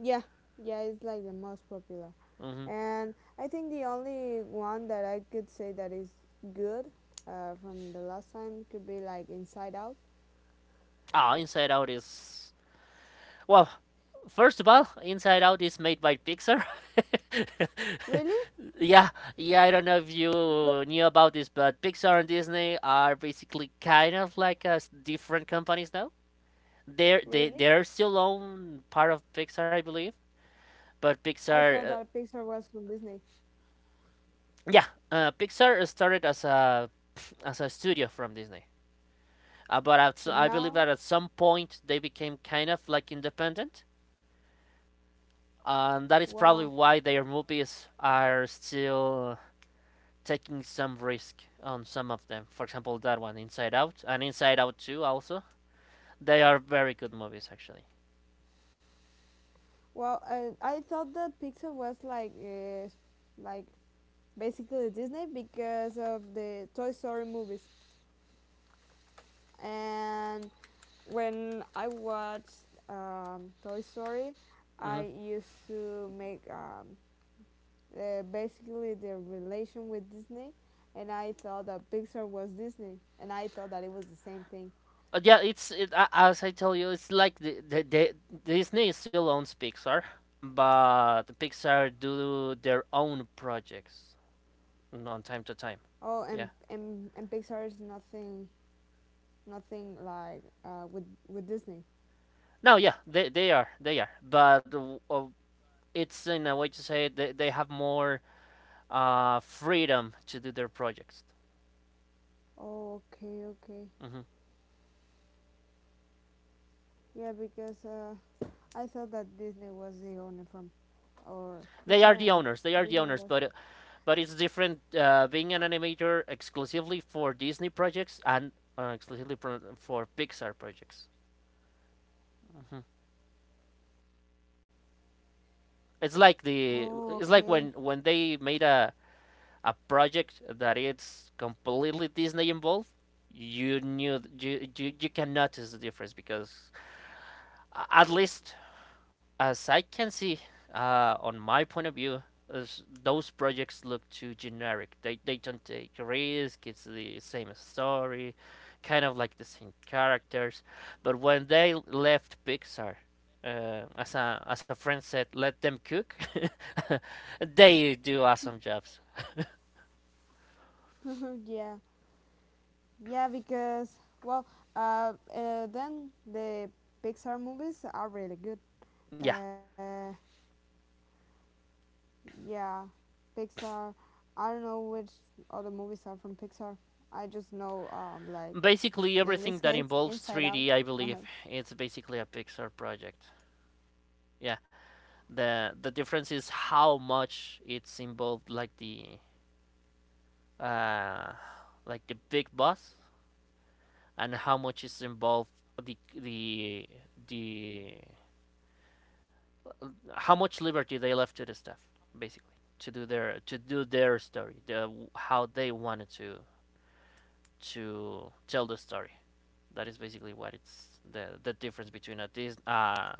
Speaker 2: Yeah, yeah, it's like the most popular.
Speaker 1: Hmm.
Speaker 2: And I think the only one that I could say that is good uh, from the last time could be like Inside Out.
Speaker 1: Ah, Inside Out is Well, first of all, Inside Out is made by Pixar.
Speaker 2: Really?
Speaker 1: Yeah, yeah, I don't know if you
Speaker 2: But
Speaker 1: knew about this, but Pixar and Disney are basically kind of like uh, different companies now. They're they they're
Speaker 2: really?
Speaker 1: still own part of Pixar, I believe, but
Speaker 2: I thought
Speaker 1: Pixar, uh,
Speaker 2: that Pixar was from Disney,
Speaker 1: yeah, uh, Pixar started as a as a studio from Disney. Uh, but at, s- I
Speaker 2: but
Speaker 1: believe that at
Speaker 2: now,
Speaker 1: some point they became kind of like independent, and that is probably
Speaker 2: wow.
Speaker 1: why their movies are still taking some risk on some of them. For example, that one, Inside Out, and Inside Out two also. They are very good movies, actually.
Speaker 2: Well, uh, I thought that Pixar was like, uh, like basically Disney because of the Toy Story movies. And when I watched um, Toy Story,
Speaker 1: Hmm.
Speaker 2: I used to make um, uh, basically the relation with Disney, and I thought that Pixar was Disney, and I thought that it was the same thing.
Speaker 1: Yeah, it's it, a- as I tell you, it's like the, the, the Disney still owns Pixar, but Pixar do their own projects on time to time.
Speaker 2: Oh, and
Speaker 1: Yeah.
Speaker 2: and, and Pixar is nothing, nothing like uh, with with Disney.
Speaker 1: No, yeah, they they are they are, but uh, it's in a way to say they they have more uh freedom to do their projects.
Speaker 2: Oh, okay, okay.
Speaker 1: Hmm.
Speaker 2: Yeah, because uh, I thought that Disney was the owner from, or
Speaker 1: They are
Speaker 2: Pixar
Speaker 1: the
Speaker 2: and
Speaker 1: owners. They are the
Speaker 2: Disney
Speaker 1: owners,
Speaker 2: was.
Speaker 1: but uh, but it's different uh, being an animator exclusively for Disney projects and uh, exclusively pro- for Pixar projects. Mhm. It's like
Speaker 2: Oh,
Speaker 1: the
Speaker 2: okay.
Speaker 1: it's like when when they made a a project that it's completely Disney involved. You knew you you, you can notice the difference because at least As I can see, uh, on my point of view, is those projects look too generic. They they don't take risk. It's the same story, kind of like the same characters. But when they left Pixar, uh, as a as a friend said, let them cook. They do awesome jobs.
Speaker 2: yeah, yeah, because well, uh, uh, then the Pixar movies are really good.
Speaker 1: Yeah,
Speaker 2: Uh, yeah, Pixar. I don't know which other movies are from Pixar. I just know um, like,
Speaker 1: basically everything that
Speaker 2: in this
Speaker 1: involves
Speaker 2: case,
Speaker 1: three D, I
Speaker 2: Inside Out.
Speaker 1: believe,
Speaker 2: Uh-huh.
Speaker 1: it's basically a Pixar project. Yeah, the the difference is how much it's involved, like the uh, like the big boss, and how much is involved the the the how much liberty they left to the staff basically to do their to do their story, the how they wanted to to tell the story. That is basically what it's the the difference between a Dis- uh,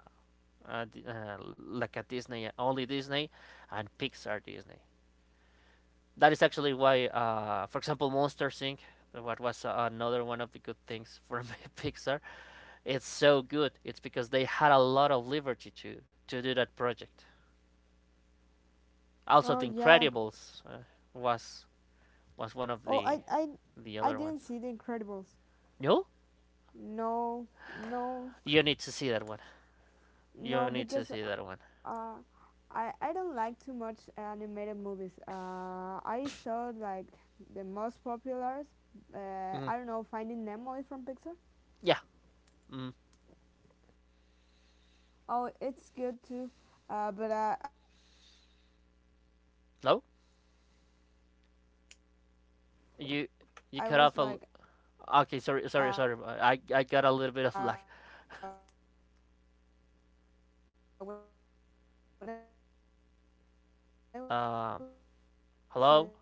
Speaker 1: a uh, like a Disney only Disney and Pixar Disney. That is actually why, uh, for example, Monsters Inc. What was uh, another one of the good things from Pixar. It's so good. It's because they had a lot of liberty to to do that project. Also, The
Speaker 2: Oh yeah.
Speaker 1: Incredibles uh, was was one of the
Speaker 2: Oh, I
Speaker 1: the
Speaker 2: I
Speaker 1: other ones.
Speaker 2: I didn't see The
Speaker 1: No,
Speaker 2: Incredibles. No,
Speaker 1: you need to see that one.
Speaker 2: no,
Speaker 1: You need to see that one.
Speaker 2: no, because uh, I I don't like too much animated movies. Uh, I saw like the most populars.
Speaker 1: Hmm.
Speaker 2: Uh, I don't know, Finding Nemo
Speaker 1: Yeah.
Speaker 2: is from Pixar.
Speaker 1: Mm.
Speaker 2: Oh, it's good too. Uh, but uh, I was like uh, when I was a kid
Speaker 1: No,
Speaker 2: or when the movie was released, I didn't see it. I I just saw it
Speaker 1: you
Speaker 2: like
Speaker 1: you cut off a. l-
Speaker 2: two years ago.
Speaker 1: Okay, sorry, sorry, sorry. uh, I I got a little bit of lag.
Speaker 2: Oh, sorry. Can you hear me now?
Speaker 1: Um, Hello,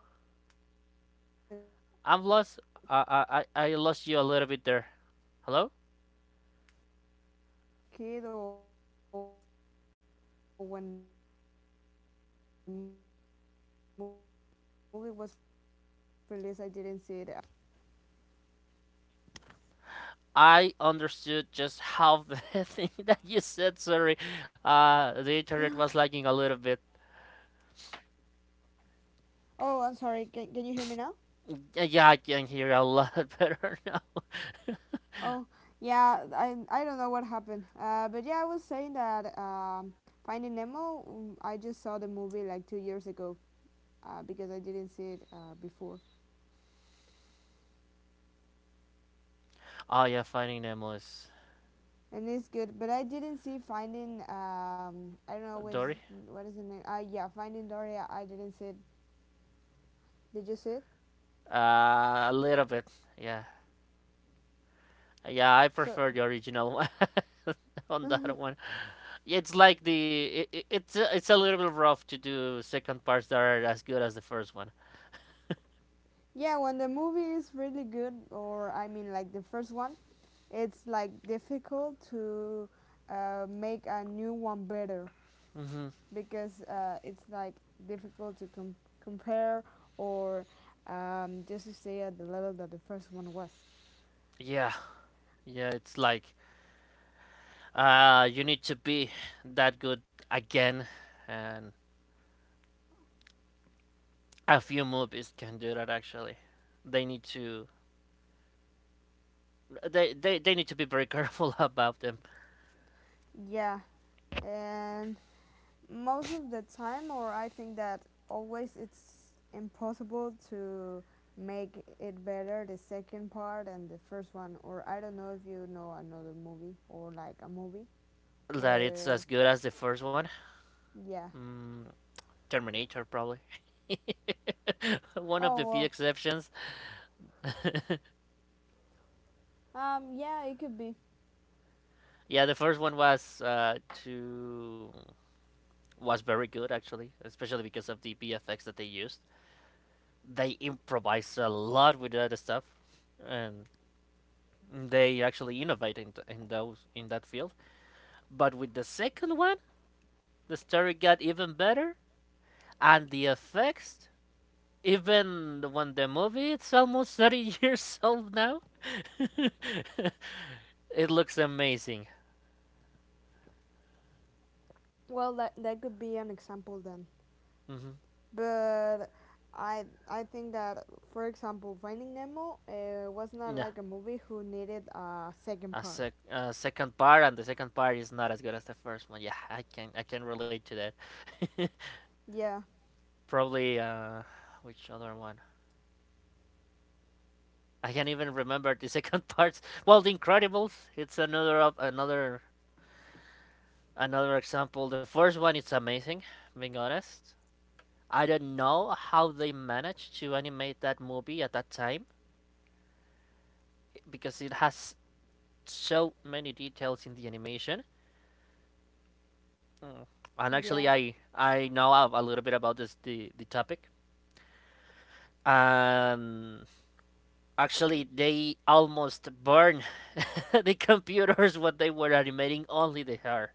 Speaker 1: I'm lost.
Speaker 2: Hello, can you
Speaker 1: I
Speaker 2: hear
Speaker 1: I
Speaker 2: me?
Speaker 1: I lost you a little bit there. Hello.
Speaker 2: Oh, I'm sorry. Can you hear me now? Hello.
Speaker 1: I understood just half the thing that you said. Sorry, uh, the internet was lagging a little bit.
Speaker 2: Oh, I'm sorry. Can, can you hear me now?
Speaker 1: Yeah, yeah, I can hear a lot better now.
Speaker 2: Oh, yeah. I I don't know what happened. Uh, but yeah, I was saying that um, Finding Nemo. mm, I just saw the movie like two years ago. Uh, because I didn't see it uh, before,
Speaker 1: Oh yeah, Finding Nemo is
Speaker 2: and it's good. But I didn't see Finding. Um, I don't know what's
Speaker 1: Dory.
Speaker 2: what is the name. Uh, yeah, Finding Dory. I didn't see it. Did you see it?
Speaker 1: Uh, a little bit. Yeah, yeah, I
Speaker 2: So
Speaker 1: prefer the original one on that one. It's like the it, it's a, it's a little bit rough to do second parts that are as good as the first one.
Speaker 2: yeah, when the movie is really good, or I mean like the first one, it's like difficult to uh, make a new one better.
Speaker 1: Hmm.
Speaker 2: Because uh, it's like difficult to com- compare or um, just to stay at the level that the first one was.
Speaker 1: Yeah, yeah, it's like uh, you need to be that good again and a few movies can do that actually. They need to they, they, they need to be very careful about them.
Speaker 2: Yeah, and most of the time, or I think that always it's impossible to make it better the second part and the first one. Or I don't know if you know another movie or like a movie
Speaker 1: That it's
Speaker 2: where,
Speaker 1: as good as the first one.
Speaker 2: yeah.
Speaker 1: Mm, Terminator probably. One of
Speaker 2: Oh,
Speaker 1: the few
Speaker 2: well,
Speaker 1: exceptions.
Speaker 2: um, yeah, it could be.
Speaker 1: Yeah, the first one was uh, to was very good actually, especially because of the B F X that they used. They improvised a lot with that stuff, and they actually innovated in, in those in that field. But with the second one, the story got even better. And the effects, even when the movie it's almost thirty years old now, it looks amazing.
Speaker 2: Well, that, that could be an example then.
Speaker 1: Hmm.
Speaker 2: But I I think that for example Finding Nemo uh, was not
Speaker 1: Yeah,
Speaker 2: like a movie who needed a second
Speaker 1: a,
Speaker 2: part.
Speaker 1: sec- a second part, and the second part is not as good as the first one. Yeah, I can I can relate to that.
Speaker 2: Yeah,
Speaker 1: Probably uh, which other one? I can't even remember the second part. Well, The Incredibles, it's another of another another example. The first one it's amazing, being honest. I don't know how they managed to animate that movie at that time because it has so many details in the animation. Mm. And actually,
Speaker 2: yeah,
Speaker 1: I I know a, little bit about this the, the topic. Um, actually, they almost burn the computers when they were animating only the hair.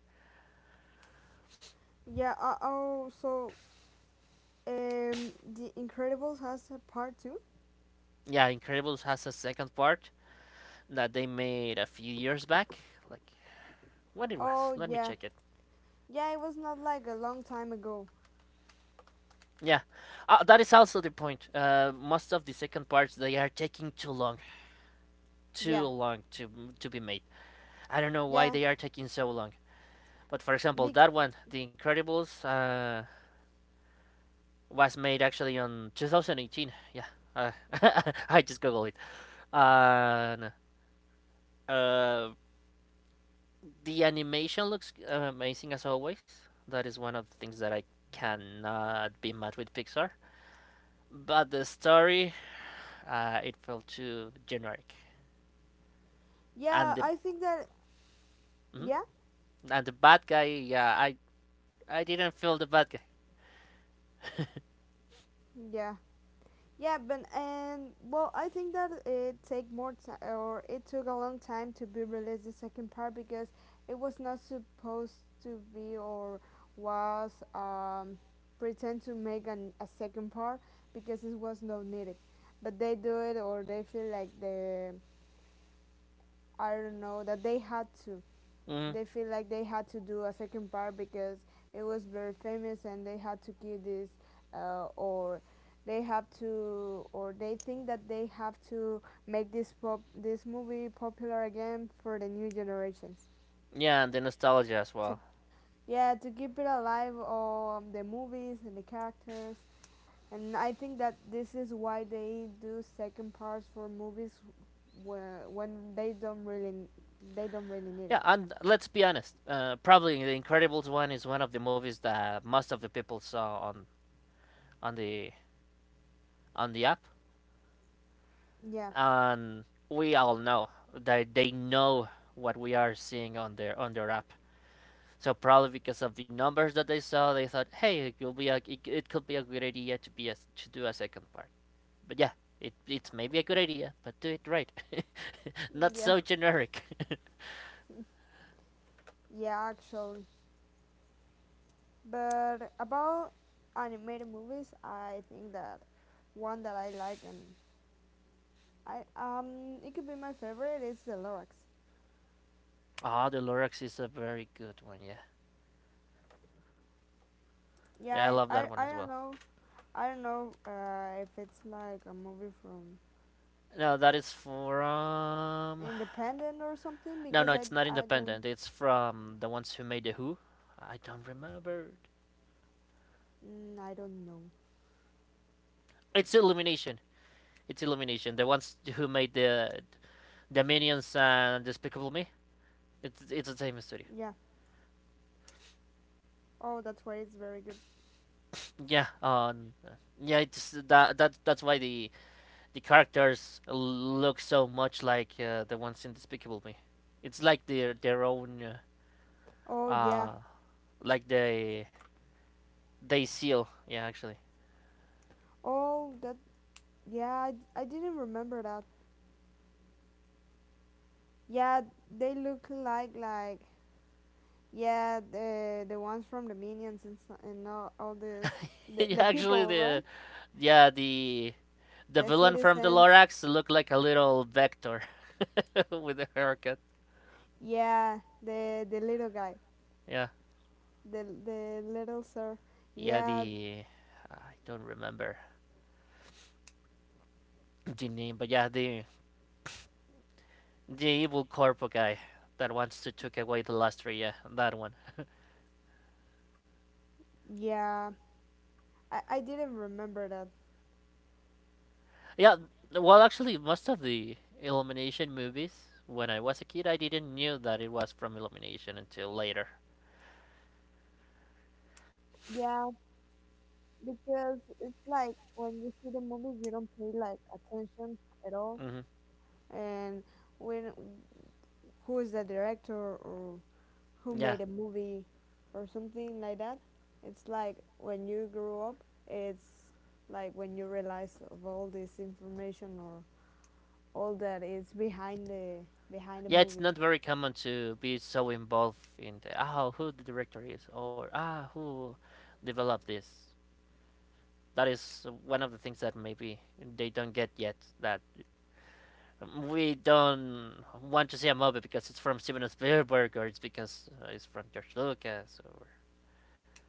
Speaker 2: yeah. Uh, oh, so um, The Incredibles has a part two.
Speaker 1: Yeah, Incredibles has a second part that they made a few years back. Like when it
Speaker 2: Oh
Speaker 1: was, let me
Speaker 2: yeah,
Speaker 1: check it.
Speaker 2: yeah. It was not like a long time ago.
Speaker 1: Yeah, uh, that is also the point. Uh, most of the second parts they are taking too long, too
Speaker 2: Yeah,
Speaker 1: long to to be made. I don't know why
Speaker 2: yeah,
Speaker 1: they are taking so long. But for
Speaker 2: big.
Speaker 1: example, that one, The Incredibles, uh, was made actually on two thousand eighteen. Yeah, uh, I just googled it. And uh, the animation looks amazing as always. That is one of the things that I cannot be mad with Pixar. But the story, uh, it felt too generic, and
Speaker 2: Yeah,
Speaker 1: the
Speaker 2: I think that.
Speaker 1: mhm,
Speaker 2: Yeah,
Speaker 1: and the bad guy, yeah, I I didn't feel the bad guy.
Speaker 2: yeah. Yeah, but and well, I think that it take more time, or it took a long time to be released the second part because it was not supposed to be or was um, pretend to make an, a second part because it was not needed, but they do it or they feel like they I don't know that they had to
Speaker 1: Mm,
Speaker 2: they feel like they had to do a second part because it was very famous and they had to keep this uh, or they have to or they think that they have to make this pop this movie popular again for the new generations
Speaker 1: yeah, and the nostalgia as
Speaker 2: to
Speaker 1: well.
Speaker 2: yeah to keep it alive on the movies and the characters, and I think that this is why they do second parts for movies wh- when they don't really they don't really need it.
Speaker 1: Yeah, and let's be honest. Uh, probably the Incredibles one is one of the movies that most of the people saw on on the on the app,
Speaker 2: Yeah,
Speaker 1: and we all know that they know what we are seeing on their on their app. So probably because of the numbers that they saw, they thought, hey, it could be a it, it could be a good idea to be a, to do a second part. But yeah, it, it's maybe a good idea, but do it right. Not
Speaker 2: yeah,
Speaker 1: so generic.
Speaker 2: yeah, actually. But about animated movies, I think that one that I like and I um it could be my favorite is the Lorax.
Speaker 1: Ah, oh, the Lorax is a very good one, yeah.
Speaker 2: Yeah,
Speaker 1: Yeah, I
Speaker 2: I I,
Speaker 1: love
Speaker 2: I
Speaker 1: that one
Speaker 2: don't
Speaker 1: as well.
Speaker 2: know. I don't know uh, if it's like a movie from
Speaker 1: No, that is from.
Speaker 2: independent or something
Speaker 1: No,
Speaker 2: because
Speaker 1: no,
Speaker 2: I
Speaker 1: it's not
Speaker 2: I don't
Speaker 1: independent. It's from the ones who made The Who. I don't remember.
Speaker 2: mm, I don't know.
Speaker 1: It's Illumination. It's Illumination. The ones who made the the Minions and Despicable Me. It's it's the
Speaker 2: Yeah.
Speaker 1: same studio.
Speaker 2: Oh, that's why it's very good.
Speaker 1: Yeah. Um. Yeah. It's that that that's why the the characters look so much like uh, the ones in Despicable Me. It's like their their own
Speaker 2: Oh
Speaker 1: uh,
Speaker 2: yeah.
Speaker 1: uh like they they seal. Yeah, actually,
Speaker 2: Oh that yeah. I, I didn't remember that. Yeah, they look like like. Yeah, the the ones from the minions and so- and all, all this the, the
Speaker 1: actually
Speaker 2: people, right?
Speaker 1: the yeah the the
Speaker 2: The
Speaker 1: villain from the
Speaker 2: citizens.
Speaker 1: Lorax looked like a little vector with a haircut.
Speaker 2: Yeah, the the little guy,
Speaker 1: Yeah,
Speaker 2: the the little sir.
Speaker 1: yeah
Speaker 2: Yeah,
Speaker 1: the I don't remember the name, but yeah the the evil corpo guy that wants to take away the lustre. Yeah, that one.
Speaker 2: yeah. I I didn't remember that.
Speaker 1: Yeah, well, actually, most of the Illumination movies, when I was a kid, I didn't knew that it was from Illumination until later.
Speaker 2: Yeah, because it's like when you see the movie, you don't pay like attention at all.
Speaker 1: Hmm.
Speaker 2: And when who is the director or who
Speaker 1: Yeah,
Speaker 2: made a movie or something like that. It's like when you grow up, it's like when you realize of all this information or all that is behind the behind the
Speaker 1: yeah, it's
Speaker 2: movie.
Speaker 1: not very common to be so involved in the oh who the director is or ah who developed this. That is one of the things that maybe they don't get yet. That we don't want to see a movie because it's from Steven Spielberg or it's because uh, it's from George Lucas or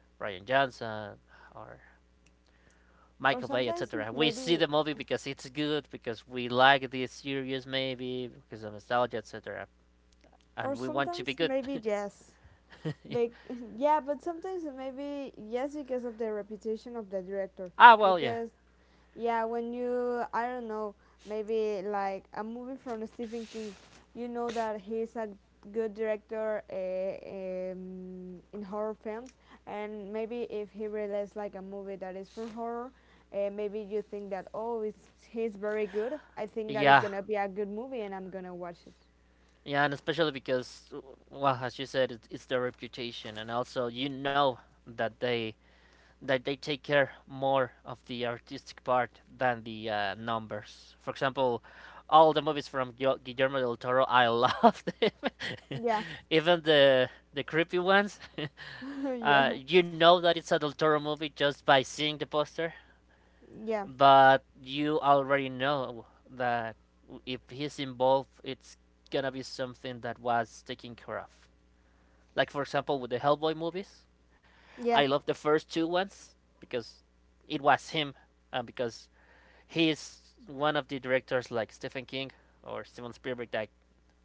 Speaker 1: Ryan Johnson or
Speaker 2: Or
Speaker 1: Michael Bay,
Speaker 2: sometimes
Speaker 1: et cetera. We see
Speaker 2: maybe
Speaker 1: the movie because it's good, because we like this series, maybe because of nostalgia, et cetera. And
Speaker 2: or
Speaker 1: we want to be
Speaker 2: sometimes
Speaker 1: good.
Speaker 2: maybe yes. Be- yeah, but sometimes maybe yes because of the reputation of the director
Speaker 1: Ah, well, yeah,
Speaker 2: because. Yeah, when you, I don't know, maybe like a movie from Stephen King, you know that he's a good director uh, um, in horror films, and maybe if he releases like a movie that is for horror, uh, maybe you think that, oh, it's, he's very good. I think that it's
Speaker 1: yeah,
Speaker 2: gonna be a good movie and I'm gonna watch it.
Speaker 1: yeah, and especially because, well, as you said, it, it's their reputation, and also you know that they that they take care more of the artistic part than the uh, numbers. For example, all the movies from Guillermo del Toro, I love them.
Speaker 2: Yeah,
Speaker 1: Even the the creepy ones, Uh,
Speaker 2: yeah,
Speaker 1: you know that it's a Del Toro movie just by seeing the poster,
Speaker 2: yeah,
Speaker 1: but you already know that if he's involved, it's gonna be something that was taken care of. Like, for example, with the Hellboy movies, I
Speaker 2: yeah,
Speaker 1: love the first two ones because it was him, uh, because he's one of the directors like Stephen King or Steven Spielberg that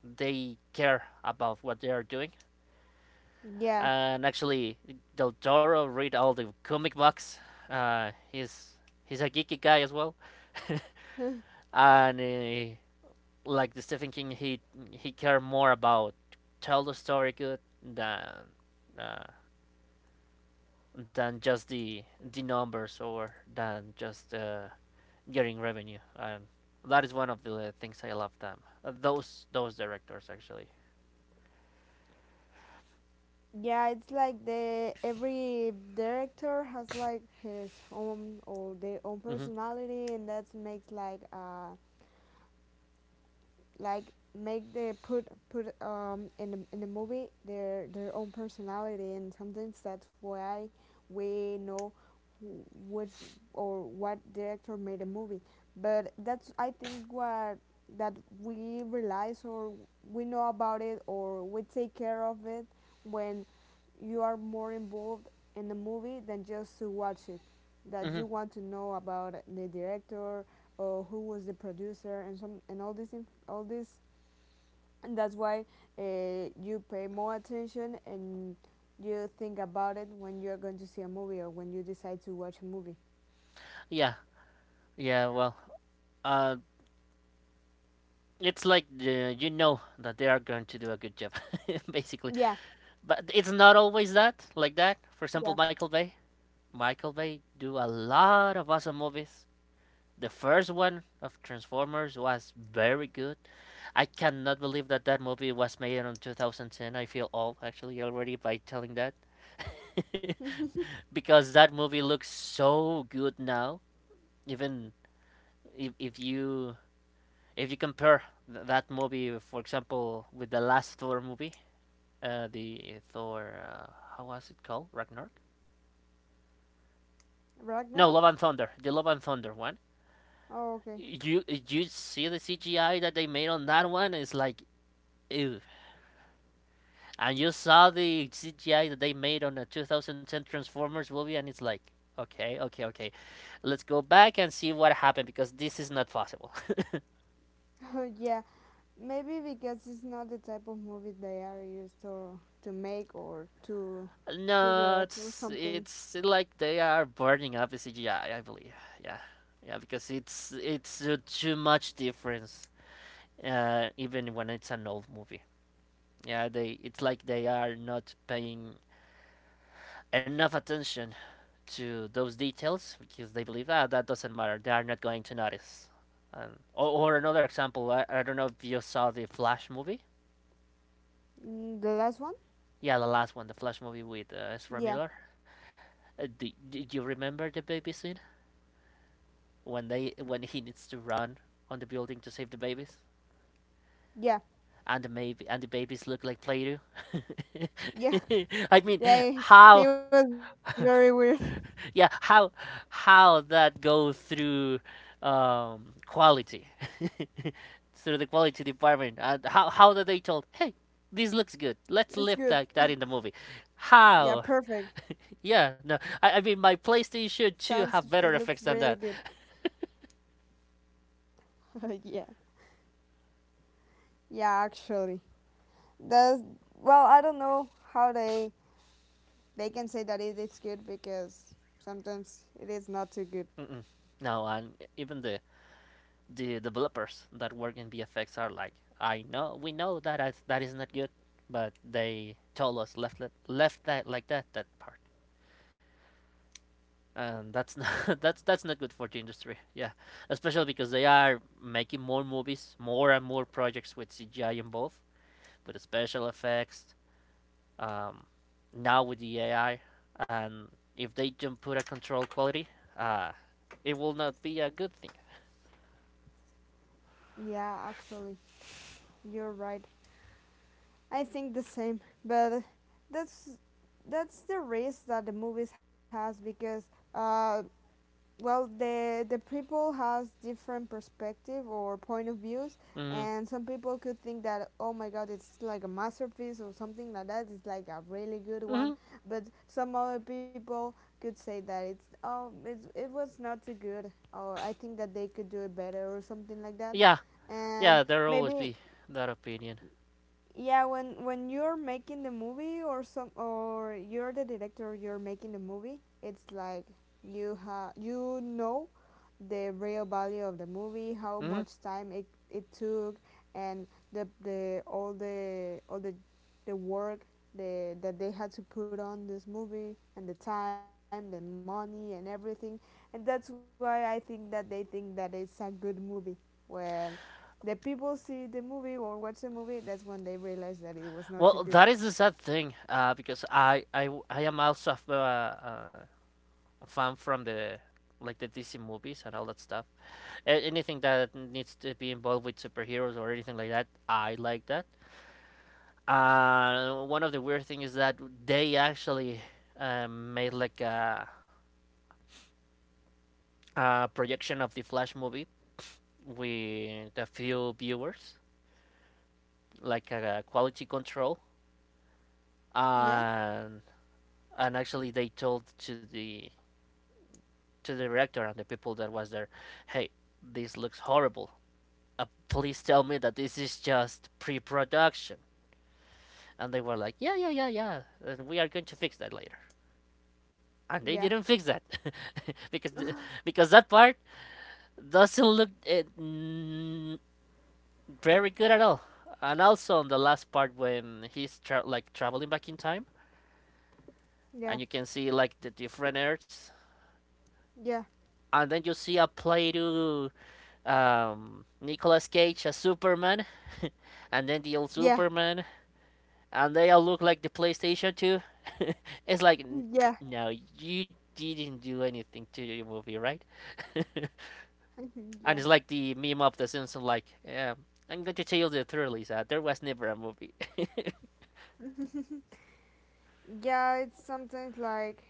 Speaker 1: they care about what they are doing.
Speaker 2: yeah.
Speaker 1: Uh, and actually Del Toro read all the comic books. Uh, he's he's a geeky guy as well, and uh, like the Stephen King, he he care more about tell the story good than uh, than just the the numbers or than just uh, getting revenue. And that is one of the things I love them. Uh, Those those directors actually.
Speaker 2: Yeah, it's like the every director has like his own or their own
Speaker 1: Mhm.
Speaker 2: personality, and that makes like uh like make the put put um in the, in the movie their their own personality, and sometimes that's why we know wh- which or what director made a movie. But that's I think what that we realize or we know about it or we take care of it when you are more involved in the movie than just to watch it, that
Speaker 1: Mhm.
Speaker 2: you want to know about the director or who was the producer and some and all this inf- all this. And that's why uh, you pay more attention and you think about it when you're going to see a movie or when you decide to watch a movie.
Speaker 1: Yeah. Yeah. Well, uh, it's like uh, you know that they are going to do a good job, basically.
Speaker 2: Yeah,
Speaker 1: But it's not always that, like that. For example,
Speaker 2: yeah.
Speaker 1: Michael Bay. Michael Bay do a lot of awesome movies. The first one of Transformers was very good. I cannot believe that that movie was made in two thousand ten. I feel old actually already by telling that, because that movie looks so good now. Even if if you if you compare th- that movie, for example, with the last Thor movie uh, the Thor. Uh, how was it called? Ragnarok? No,
Speaker 2: Ragnar.
Speaker 1: Love and Thunder. The Love and Thunder one.
Speaker 2: Oh, okay.
Speaker 1: You you see the C G I that they made on that one? It's like ew. And you saw the C G I that they made on the two thousand ten Transformers movie, and it's like okay, okay, okay. Let's go back and see what happened because this is not possible.
Speaker 2: Yeah, maybe because it's not the type of movie they are used to to make or to to
Speaker 1: No,
Speaker 2: direct or
Speaker 1: it's
Speaker 2: something.
Speaker 1: it's like they are burning up the C G I. I I believe. Yeah, yeah, because it's it's uh, too much difference uh, even when it's an old movie. Yeah, they it's like they are not paying enough attention to those details because they believe ah that doesn't matter. They are not going to notice. Um, or, or another example, I, I don't know if you saw the Flash movie.
Speaker 2: Mm, the last one?
Speaker 1: Yeah, the last one, the Flash movie with uh, Ezra
Speaker 2: Yeah,
Speaker 1: Miller. Uh, do, do you remember the baby scene when they when he needs to run on the building to save the babies?
Speaker 2: yeah,
Speaker 1: And the baby and the babies look like Play-Doh.
Speaker 2: yeah,
Speaker 1: I mean,
Speaker 2: yeah. He he
Speaker 1: how
Speaker 2: was very weird.
Speaker 1: yeah how how that goes through um quality through the quality department, and how how that they told, hey, this looks good,
Speaker 2: It's
Speaker 1: let's
Speaker 2: good.
Speaker 1: lift like that in the movie.
Speaker 2: Yeah,
Speaker 1: How
Speaker 2: perfect. Sounds.
Speaker 1: Yeah,
Speaker 2: It
Speaker 1: no,
Speaker 2: looks
Speaker 1: i, I mean
Speaker 2: really
Speaker 1: my
Speaker 2: good.
Speaker 1: playstation two have better effects than that.
Speaker 2: yeah, yeah. Actually, that's well, I don't know how they they can say that it is good because sometimes it is not too good.
Speaker 1: Mm-mm. No, and even the the developers that work in V F X are like, I know, we know that is, that is not good, but they told us left it- left that like that that part, and that's not that's that's not good for the industry. Yeah, especially because they are making more movies, more and more projects with cgi involved, with special effects. um, Now with the ai, and if they don't put a control quality, uh, it will not be a good thing.
Speaker 2: Yeah, actually, you're right. I think the same, but that's that's the risk that the movies has because uh, well, the the people has different perspective or point of views.
Speaker 1: Mm-hmm.
Speaker 2: And some people could think that, oh my god, it's like a masterpiece or something like that, it's like a really good
Speaker 1: Mm-hmm.
Speaker 2: one. But some other people could say that it's, oh, it's, it was not too good, or I think that they could do it better or something like that.
Speaker 1: Yeah,
Speaker 2: And
Speaker 1: yeah, there'll always
Speaker 2: maybe,
Speaker 1: be that opinion.
Speaker 2: yeah, when when you're making the movie, or some, or you're the director, you're making the movie, it's like you ha you know the real value of the movie, how
Speaker 1: Hmm.
Speaker 2: much time it, it took, and the, the all the all the the work, the, that they had to put on this movie, and the time, the money, and everything. And that's why I think that they think that it's a good movie. When the people see the movie or watch the movie, that's when they realize that it was not too good.
Speaker 1: Well, that is the sad thing, uh, because I, I i am also a, uh, uh, a fan from the, like, the D C movies and all that stuff. A- anything that needs to be involved with superheroes or anything like that, I like that. Uh, one of the weird things is that they actually uh, made like a, a projection of the Flash movie with a few viewers, like a quality control,
Speaker 2: Yeah,
Speaker 1: and and actually they told to the to the director and the people that was there, hey, this looks horrible. Uh, please tell me that this is just pre-production. And they were like, yeah, yeah, yeah, yeah, and we are going to fix that later. And they
Speaker 2: yeah,
Speaker 1: didn't fix that because the, because that part doesn't look uh, very good at all. And also on the last part when he's tra- like traveling back in time,
Speaker 2: yeah,
Speaker 1: and you can see like the different Earths,
Speaker 2: yeah,
Speaker 1: and then you see a play to um, Nicolas Cage as Superman, and then the old
Speaker 2: yeah,
Speaker 1: Superman, and they all look like the PlayStation two. It's like,
Speaker 2: yeah,
Speaker 1: no, you didn't do anything to your movie, right? And
Speaker 2: yeah.
Speaker 1: it's like the meme of The Simpsons, like, yeah, I'm going to tell you the truth, Lisa. There was never a movie.
Speaker 2: Yeah, it's sometimes like,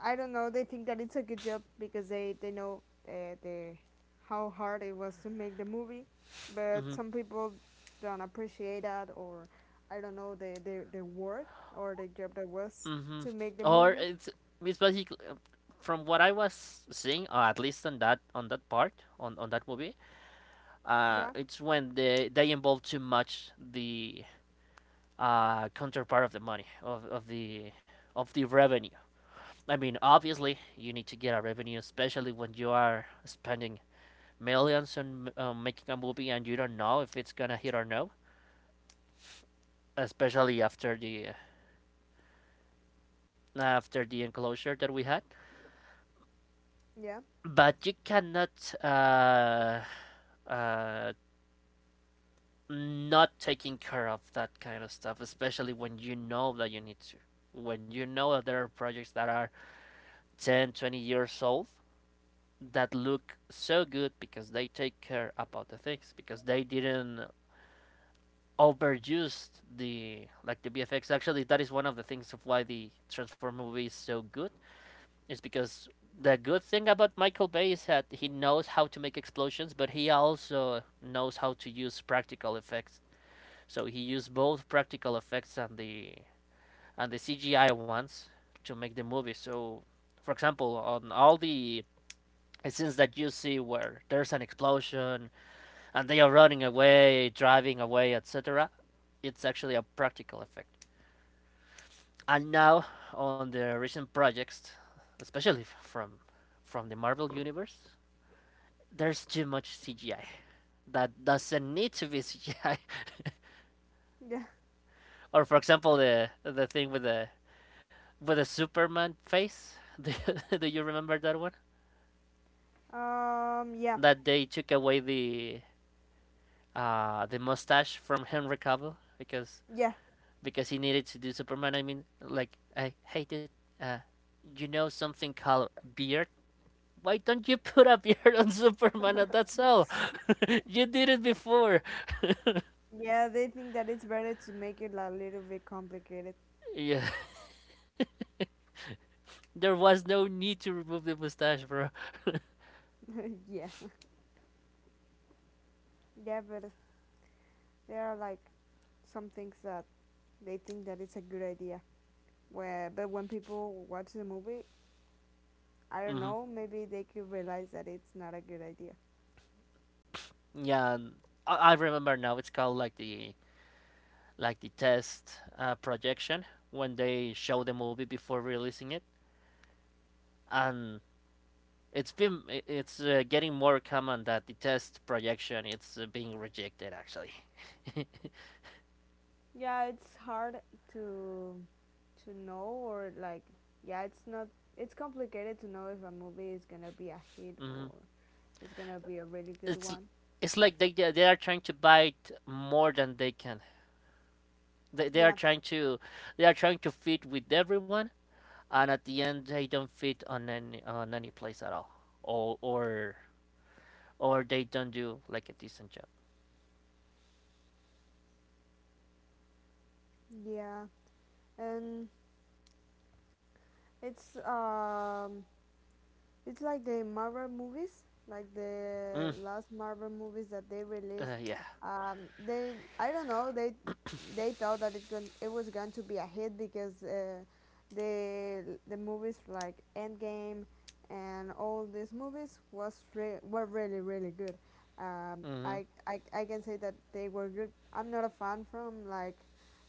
Speaker 2: I don't know, they think that it's a good job because they they know uh, the how hard it was to make the movie,
Speaker 1: Hmm.
Speaker 2: but some people don't appreciate that, or I don't know, the the, the work or the job that was
Speaker 1: Hmm.
Speaker 2: to make
Speaker 1: Or
Speaker 2: the
Speaker 1: it's
Speaker 2: movie.
Speaker 1: it's basically, um, from what I was seeing, or at least on that on that part, on on that movie, uh,
Speaker 2: Yeah,
Speaker 1: it's when they they involve too much the uh counterpart of the money, of of the of the revenue. I mean, obviously, you need to get a revenue, especially when you are spending millions on um, making a movie and you don't know if it's gonna hit or no. Especially after the after the enclosure that we had,
Speaker 2: yeah,
Speaker 1: but you cannot uh, uh, not taking care of that kind of stuff, especially when you know that you need to. When you know that there are projects that are ten, twenty years old that look so good because they take care about the things, because they didn't overused the like the V F X. Actually, that is one of the things of why the Transform movie is so good. Is because the good thing about Michael Bay is that he knows how to make explosions, but he also knows how to use practical effects. So he used both practical effects and the and the C G I ones to make the movie. So, for example, on all the scenes that you see where there's an explosion and they are running away, driving away, et cetera. It's actually a practical effect. And now on the recent projects, especially from from the Marvel universe, there's too much C G I that doesn't need to be C G I.
Speaker 2: yeah.
Speaker 1: Or for example, the the thing with the with the Superman face. Do, you- do you remember that one?
Speaker 2: Um, yeah,
Speaker 1: That they took away the uh, the mustache from Henry Cavill because
Speaker 2: yeah.
Speaker 1: because he needed to do Superman. I mean, like, I, hey, dude, uh, you know something called beard? Why don't you put a beard on Superman? And that's all. You did it before.
Speaker 2: Yeah, they think that it's better to make it a little bit complicated.
Speaker 1: Yeah, there was no need to remove the mustache, bro.
Speaker 2: yeah. Yeah, but there are like some things that they think that it's a good idea. Where, but when people watch the movie, I don't
Speaker 1: Hmm.
Speaker 2: know, maybe they could realize that it's not a good idea.
Speaker 1: Yeah, I, I remember now. It's called like the like the test uh, projection when they show the movie before releasing it, and It's been it's uh, getting more common that the test projection it's uh, being rejected actually.
Speaker 2: Yeah, it's hard to to know or like, yeah, it's not, it's complicated to know if a movie is going to be a hit
Speaker 1: Hmm.
Speaker 2: or it's going to be a really good
Speaker 1: It's
Speaker 2: one.
Speaker 1: it's like they they they are trying to bite more than they can. They, they are
Speaker 2: Yeah.
Speaker 1: trying to they are trying to fit with everyone, and at the end they don't fit on any on any place at all, or or or they don't do like a decent job.
Speaker 2: Yeah. And it's um it's like the Marvel movies, like the
Speaker 1: Mm,
Speaker 2: last Marvel movies that they released.
Speaker 1: uh, yeah.
Speaker 2: Um, they, I don't know, they they thought that it's going it was going to be a hit because uh, the the movies like Endgame and all these movies was re- were really really good. Um,
Speaker 1: Mm-hmm.
Speaker 2: I, I I can say that they were good. I'm not a fan from like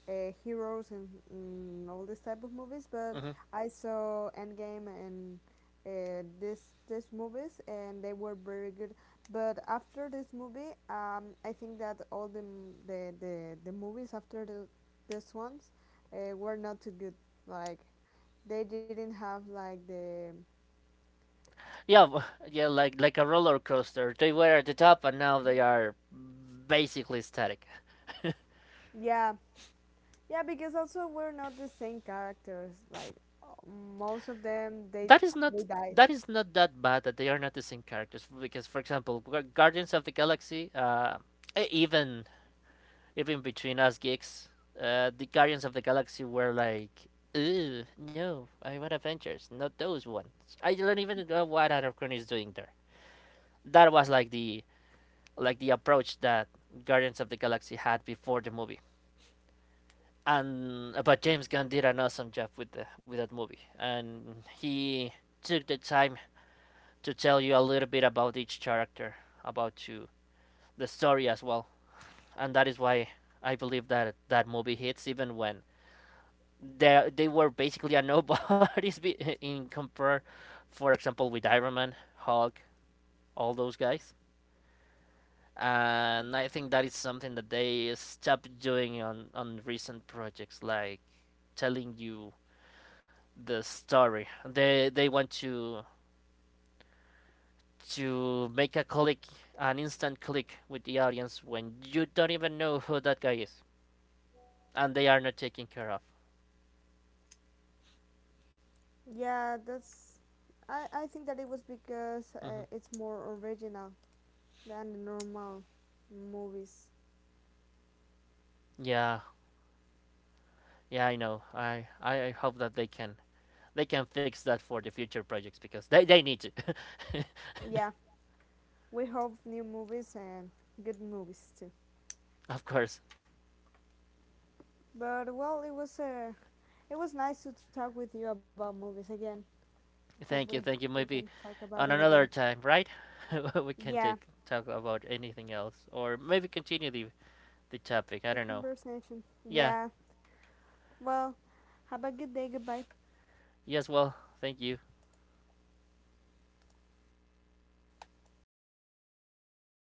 Speaker 2: uh, heroes and mm, all this type of movies, but
Speaker 1: Mm-hmm.
Speaker 2: I saw Endgame and uh, this this movies and they were very good. But after this movie, um, I think that all the m- the, the, the movies after the, this ones uh, were not too good, like they didn't have like the,
Speaker 1: Yeah, w- yeah, like like a roller coaster. They were at the top and now they are basically static.
Speaker 2: yeah. Yeah, because also we're not the same characters, like uh, most of them they
Speaker 1: That is
Speaker 2: they
Speaker 1: not
Speaker 2: died.
Speaker 1: that is not that bad that they are not the same characters because, for example, Gu- Guardians of the Galaxy, uh, e- even even between us geeks, uh, the Guardians of the Galaxy were like, ew, no, I want Avengers, not those ones. I don't even know what Anacron is doing there. That was like the like the approach that Guardians of the Galaxy had before the movie. And but James Gunn did an awesome job with the with that movie, and he took the time to tell you a little bit about each character, about you, the story as well, and that is why I believe that that movie hits even when they they were basically a nobodies be- in compare, for example, with Iron Man, Hulk, all those guys. And I think that is something that they stopped doing on, on recent projects, like telling you the story. They they want to to make a click, an instant click with the audience when you don't even know who that guy is, and they are not taken care of.
Speaker 2: Yeah, that's, i i think that it was because uh,
Speaker 1: Hmm.
Speaker 2: it's more original than the normal movies.
Speaker 1: Yeah, yeah, I know. I I I hope that they can they can fix that for the future projects because they they need to.
Speaker 2: Yeah. We hope new movies and good movies too.
Speaker 1: Of course.
Speaker 2: But well, it was uh, it was nice to talk with you about movies again. Hope we
Speaker 1: Thank
Speaker 2: we
Speaker 1: you, thank
Speaker 2: can
Speaker 1: you.
Speaker 2: talk
Speaker 1: Maybe
Speaker 2: about it
Speaker 1: on
Speaker 2: again.
Speaker 1: another time, right? We
Speaker 2: Yeah,
Speaker 1: can take talk about anything else or maybe continue the the
Speaker 2: the
Speaker 1: topic. I don't know.
Speaker 2: conversation. Yeah.
Speaker 1: Yeah.
Speaker 2: Well, have a good day. Goodbye.
Speaker 1: Yes, well, thank you.